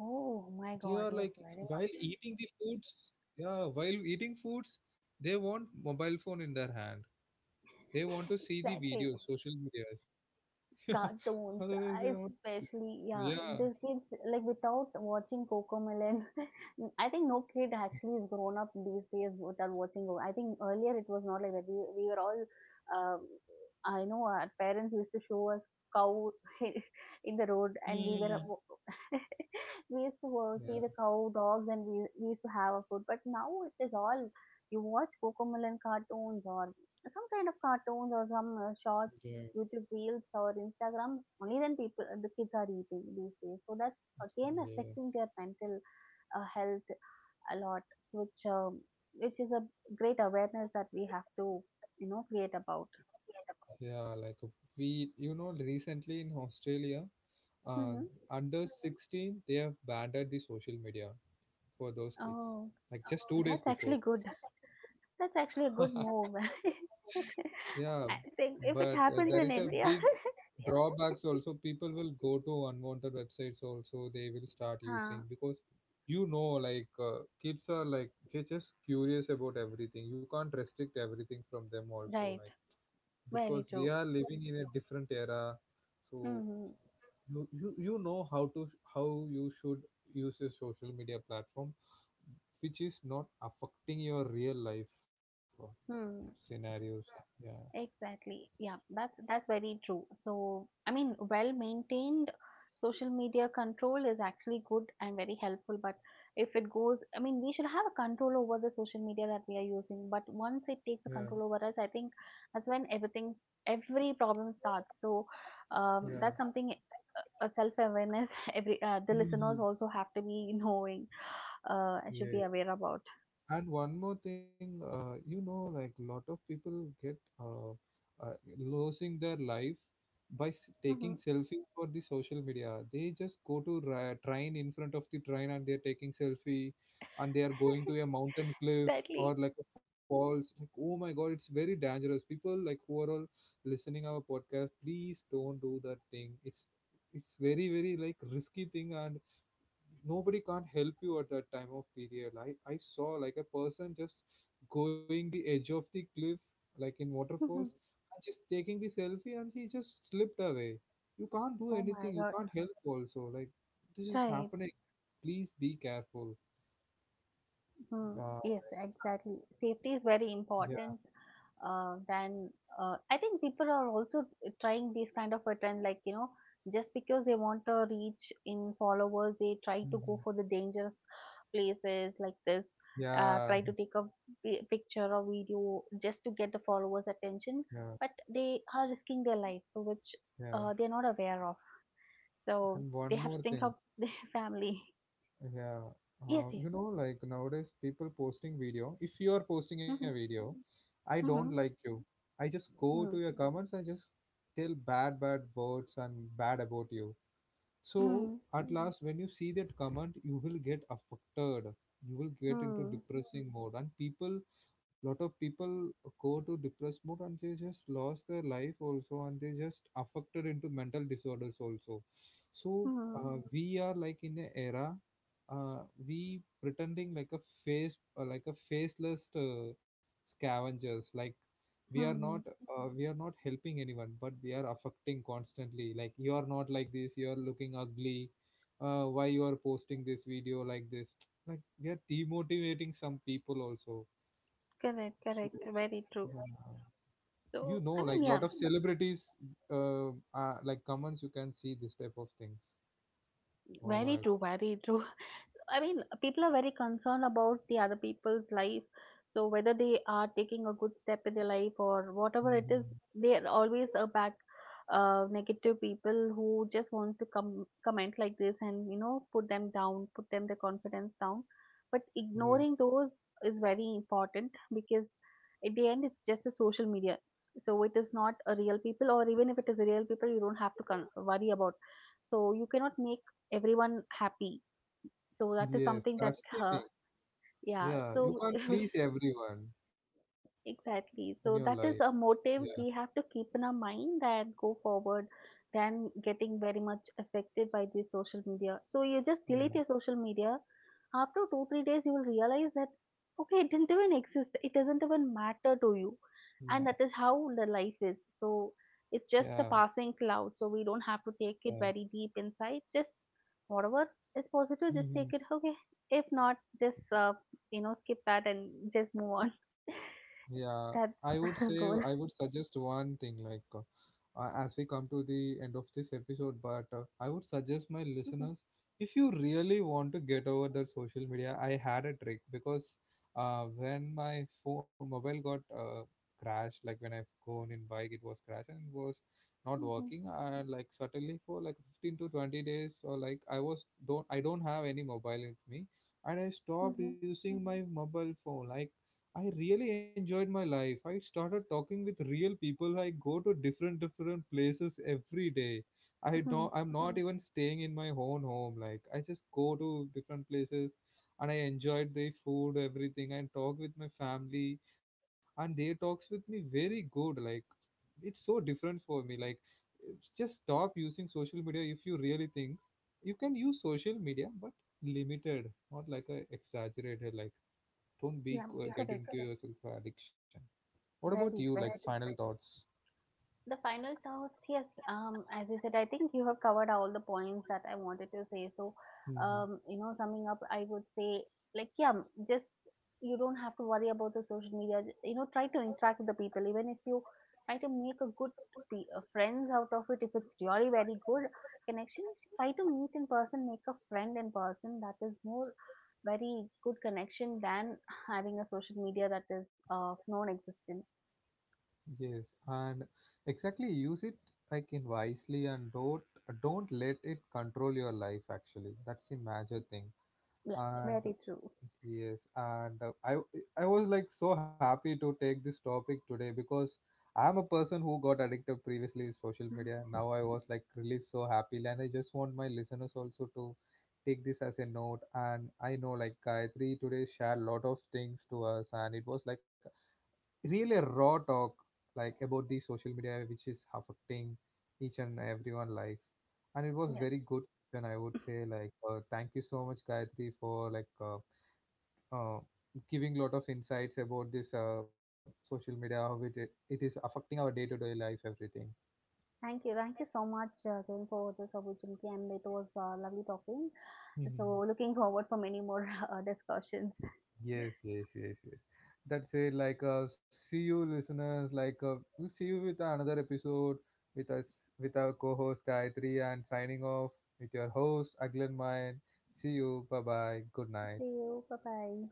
Speaker 2: oh my
Speaker 1: They
Speaker 2: god,
Speaker 1: are
Speaker 2: yes,
Speaker 1: like,
Speaker 2: very much.
Speaker 1: while eating the foods, yeah, while eating foods, they want mobile phone in their hand. They want to see the
Speaker 2: Exactly.
Speaker 1: videos, social medias. Yeah.
Speaker 2: Cartoons,
Speaker 1: Otherwise, they want,
Speaker 2: especially, yeah,
Speaker 1: yeah.
Speaker 2: the kids, like without watching Cocomelon, I think no kid actually is grown up these days without watching. I think earlier it was not like that. We were all, um, I know our parents used to show us cow in the road, and
Speaker 1: Hmm.
Speaker 2: we were
Speaker 1: Yeah,
Speaker 2: we used to see the cow dogs, and we used to have our food. But now it is all you watch Cocomelon cartoons or some kind of cartoons or some shorts,
Speaker 1: yeah,
Speaker 2: YouTube Reels or Instagram, only then people, the kids are eating these days. So that's again
Speaker 1: yeah,
Speaker 2: affecting their mental health a lot, which um, which is a great awareness that we have to you know create about.
Speaker 1: yeah. Like we, you know, recently in Australia, uh,
Speaker 2: Hmm.
Speaker 1: under 16, they have banned the social media for those kids,
Speaker 2: Oh,
Speaker 1: like just 2 days
Speaker 2: that's actually
Speaker 1: before.
Speaker 2: good. That's actually a good move.
Speaker 1: Yeah.
Speaker 2: I think if it
Speaker 1: But
Speaker 2: happens
Speaker 1: there
Speaker 2: in
Speaker 1: is a
Speaker 2: India,
Speaker 1: big drawbacks also. People will go to unwanted websites also, they will start
Speaker 2: huh,
Speaker 1: using, because you know, like kids are like, they're just curious about everything, you can't restrict everything from them also.
Speaker 2: right,
Speaker 1: Like,
Speaker 2: very
Speaker 1: because we
Speaker 2: true.
Speaker 1: are living in a different era. So
Speaker 2: Mm-hmm.
Speaker 1: you know how to, how you should use a social media platform which is not affecting your real life
Speaker 2: Hmm.
Speaker 1: scenarios. Yeah.
Speaker 2: Exactly. Yeah, that's very true. So, I mean, well maintained social media control is actually good and very helpful, but if it goes, I mean, we should have a control over the social media that we are using, but once it takes a
Speaker 1: Yeah,
Speaker 2: control over us, I think that's when everything, every problem starts. So,
Speaker 1: yeah.
Speaker 2: that's something a self-awareness every the listeners
Speaker 1: Mhm.
Speaker 2: also have to be knowing should be
Speaker 1: Yes.
Speaker 2: aware about.
Speaker 1: And one more thing, you know, like lot of people get uh, uh, losing their life by
Speaker 2: Mm-hmm.
Speaker 1: taking selfie for the social media. They just go to train in front of the train and they're taking selfie, and they are going to a mountain cliff
Speaker 2: Exactly.
Speaker 1: or like a falls. Like, oh my God, it's very dangerous. People like who are all listening our podcast, please don't do that thing. It's very very like risky thing, and nobody can't help you at that time of period. I saw like a person just going the edge of the cliff, like in waterfalls,
Speaker 2: Hmm.
Speaker 1: and just taking the selfie, and he just slipped away. You can't do
Speaker 2: Oh my
Speaker 1: anything, you
Speaker 2: God.
Speaker 1: can't help also, like this is
Speaker 2: Right.
Speaker 1: happening. Please be careful.
Speaker 2: Hmm.
Speaker 1: uh,
Speaker 2: Yes, exactly. Safety is
Speaker 1: yeah.
Speaker 2: very important. Then I think people are also trying these kind of a trend, like you know, just because they want to reach in followers, they try to go
Speaker 1: Mhm.
Speaker 2: for the dangerous places like this.
Speaker 1: Yeah,
Speaker 2: Try to take a picture or video just to get the followers' attention,
Speaker 1: yeah,
Speaker 2: but they are risking their lives, so which
Speaker 1: yeah,
Speaker 2: they're not aware of. So
Speaker 1: and
Speaker 2: they
Speaker 1: one
Speaker 2: have to
Speaker 1: more
Speaker 2: think of
Speaker 1: thing.
Speaker 2: their family.
Speaker 1: Yeah,
Speaker 2: Yes,
Speaker 1: you
Speaker 2: yes.
Speaker 1: know, like nowadays, people posting video. If you are posting a
Speaker 2: Mm-hmm.
Speaker 1: video, I don't
Speaker 2: Mm-hmm.
Speaker 1: like you. I just go to
Speaker 2: Hmm.
Speaker 1: your comments and just tell bad, bad words and bad about you. So
Speaker 2: Hmm.
Speaker 1: at last, when you see that comment, you will get affected. You will get into
Speaker 2: Hmm.
Speaker 1: depressing mode, and people, lot of people go to depressed mode, and they just lost their life also, and they just affected into mental disorders also. So
Speaker 2: Hmm.
Speaker 1: we are like in a era, uh, we pretending like a face, like a faceless scavengers. Like we are not
Speaker 2: Hmm.
Speaker 1: we are not helping anyone, but we are affecting constantly, like you are not like this, you are looking ugly, why you are posting this video like this like we are demotivating some people also,
Speaker 2: Correct,
Speaker 1: so
Speaker 2: correct. Very true.
Speaker 1: yeah. You
Speaker 2: So,
Speaker 1: know,
Speaker 2: I
Speaker 1: like
Speaker 2: mean, yeah,
Speaker 1: lot of celebrities, uh, like comments, you can see this type of things. Oh
Speaker 2: very
Speaker 1: my
Speaker 2: true,
Speaker 1: God.
Speaker 2: very true. I mean, people are very concerned about the other people's life. So whether they are taking a good step in their life or whatever it is,
Speaker 1: Mm-hmm.
Speaker 2: they are always a back negative people who just want to come comment like this and you know put them down, put them their confidence down. But
Speaker 1: Yeah.
Speaker 2: ignoring those is very important because at the end it's just a social media. So it is not a real people, or even if it is a real people, you don't have to worry about. So you cannot make everyone happy so that is
Speaker 1: Yes,
Speaker 2: something that
Speaker 1: that's the thing.
Speaker 2: yeah
Speaker 1: Yeah, you
Speaker 2: so
Speaker 1: can't please everyone in your
Speaker 2: Exactly.
Speaker 1: life.
Speaker 2: So that is a
Speaker 1: Yeah.
Speaker 2: motive we have to keep in our mind and go forward than getting very much affected by the social media. So you just
Speaker 1: Yeah.
Speaker 2: delete your social media. After two, three days, you will realize that, okay, it didn't even exist. It doesn't even matter to you.
Speaker 1: Yeah.
Speaker 2: And that is how the life is. So it's just a
Speaker 1: Yeah,
Speaker 2: passing cloud. So we don't have to take it
Speaker 1: yeah.
Speaker 2: very deep inside. Just whatever is positive, just
Speaker 1: Mhm.
Speaker 2: take it. Okay. If not, just, you know, skip that and just move on.
Speaker 1: Yeah, I would
Speaker 2: That's
Speaker 1: say,
Speaker 2: a
Speaker 1: I
Speaker 2: goal.
Speaker 1: would suggest one thing like as we come to the end of this episode, but I would suggest my listeners, if you really want to get over the social media, I had a trick because when my phone mobile got crashed, like when I've gone in bike, it was crashed and it was not
Speaker 2: Mhm,
Speaker 1: working. And like suddenly for like 15 to 20 days or like I don't have any mobile with me, and I
Speaker 2: mhm,
Speaker 1: stopped
Speaker 2: mhm,
Speaker 1: using my mobile phone. Like I really enjoyed my life. I started talking with real people. I go to different different places every day. I know
Speaker 2: mhm.
Speaker 1: I'm not even staying in my own home. Like I just go to different places, and I enjoyed the food, everything, and talk with my family, and they talks with me very good. Like it's so different for me. Like it's just stop using social media. If you really think, you can use social media but limited, not like a exaggerated, like don't be
Speaker 2: Yeah,
Speaker 1: get
Speaker 2: correct.
Speaker 1: into yourself addiction. What about you,
Speaker 2: Varied,
Speaker 1: like
Speaker 2: varied.
Speaker 1: final thoughts?
Speaker 2: The final thoughts, yes, as I said, I think you have covered all the points that I wanted to say. So,
Speaker 1: Hmm.
Speaker 2: you know, summing up, I would say like yeah, just you don't have to worry about the social media. You know, try to interact with the people. Even if you try to make a good friends out of it, if it's really very good connection, try to meet in person, make a friend in person. That is more very good connection than having a social media that is non-existent.
Speaker 1: Yes, and exactly use it, like in wisely, and don't let it control your life, actually. That's the major thing.
Speaker 2: Yeah,
Speaker 1: And
Speaker 2: very true.
Speaker 1: yes, and I was like so happy to take this topic today, because I'm a person who got addicted previously with social media. Now I was like really so happy, and I just want my listeners also to take this as a note. And I know like Gayatri today shared a lot of things to us, and it was like really a raw talk, like about the social media, which is affecting each and everyone life, and it was
Speaker 2: Yeah.
Speaker 1: very good. And I would say, like thank you so much, Gayatri, for like. Uh, Giving lot of insights about this social media, how it is affecting our day-to-day life, everything.
Speaker 2: Thank you. Thank you so much, Kiran, for this opportunity, and it was lovely talking.
Speaker 1: Mhm.
Speaker 2: So, looking forward for many more discussions.
Speaker 1: Yes, yes, yes, yes. That's it. Like, see you, listeners. Like, we'll see you with another episode with us, with our co-host Gayatri, and signing off with your host Aglan Mayan. See you. Bye bye. Good night.
Speaker 2: See you. Bye bye.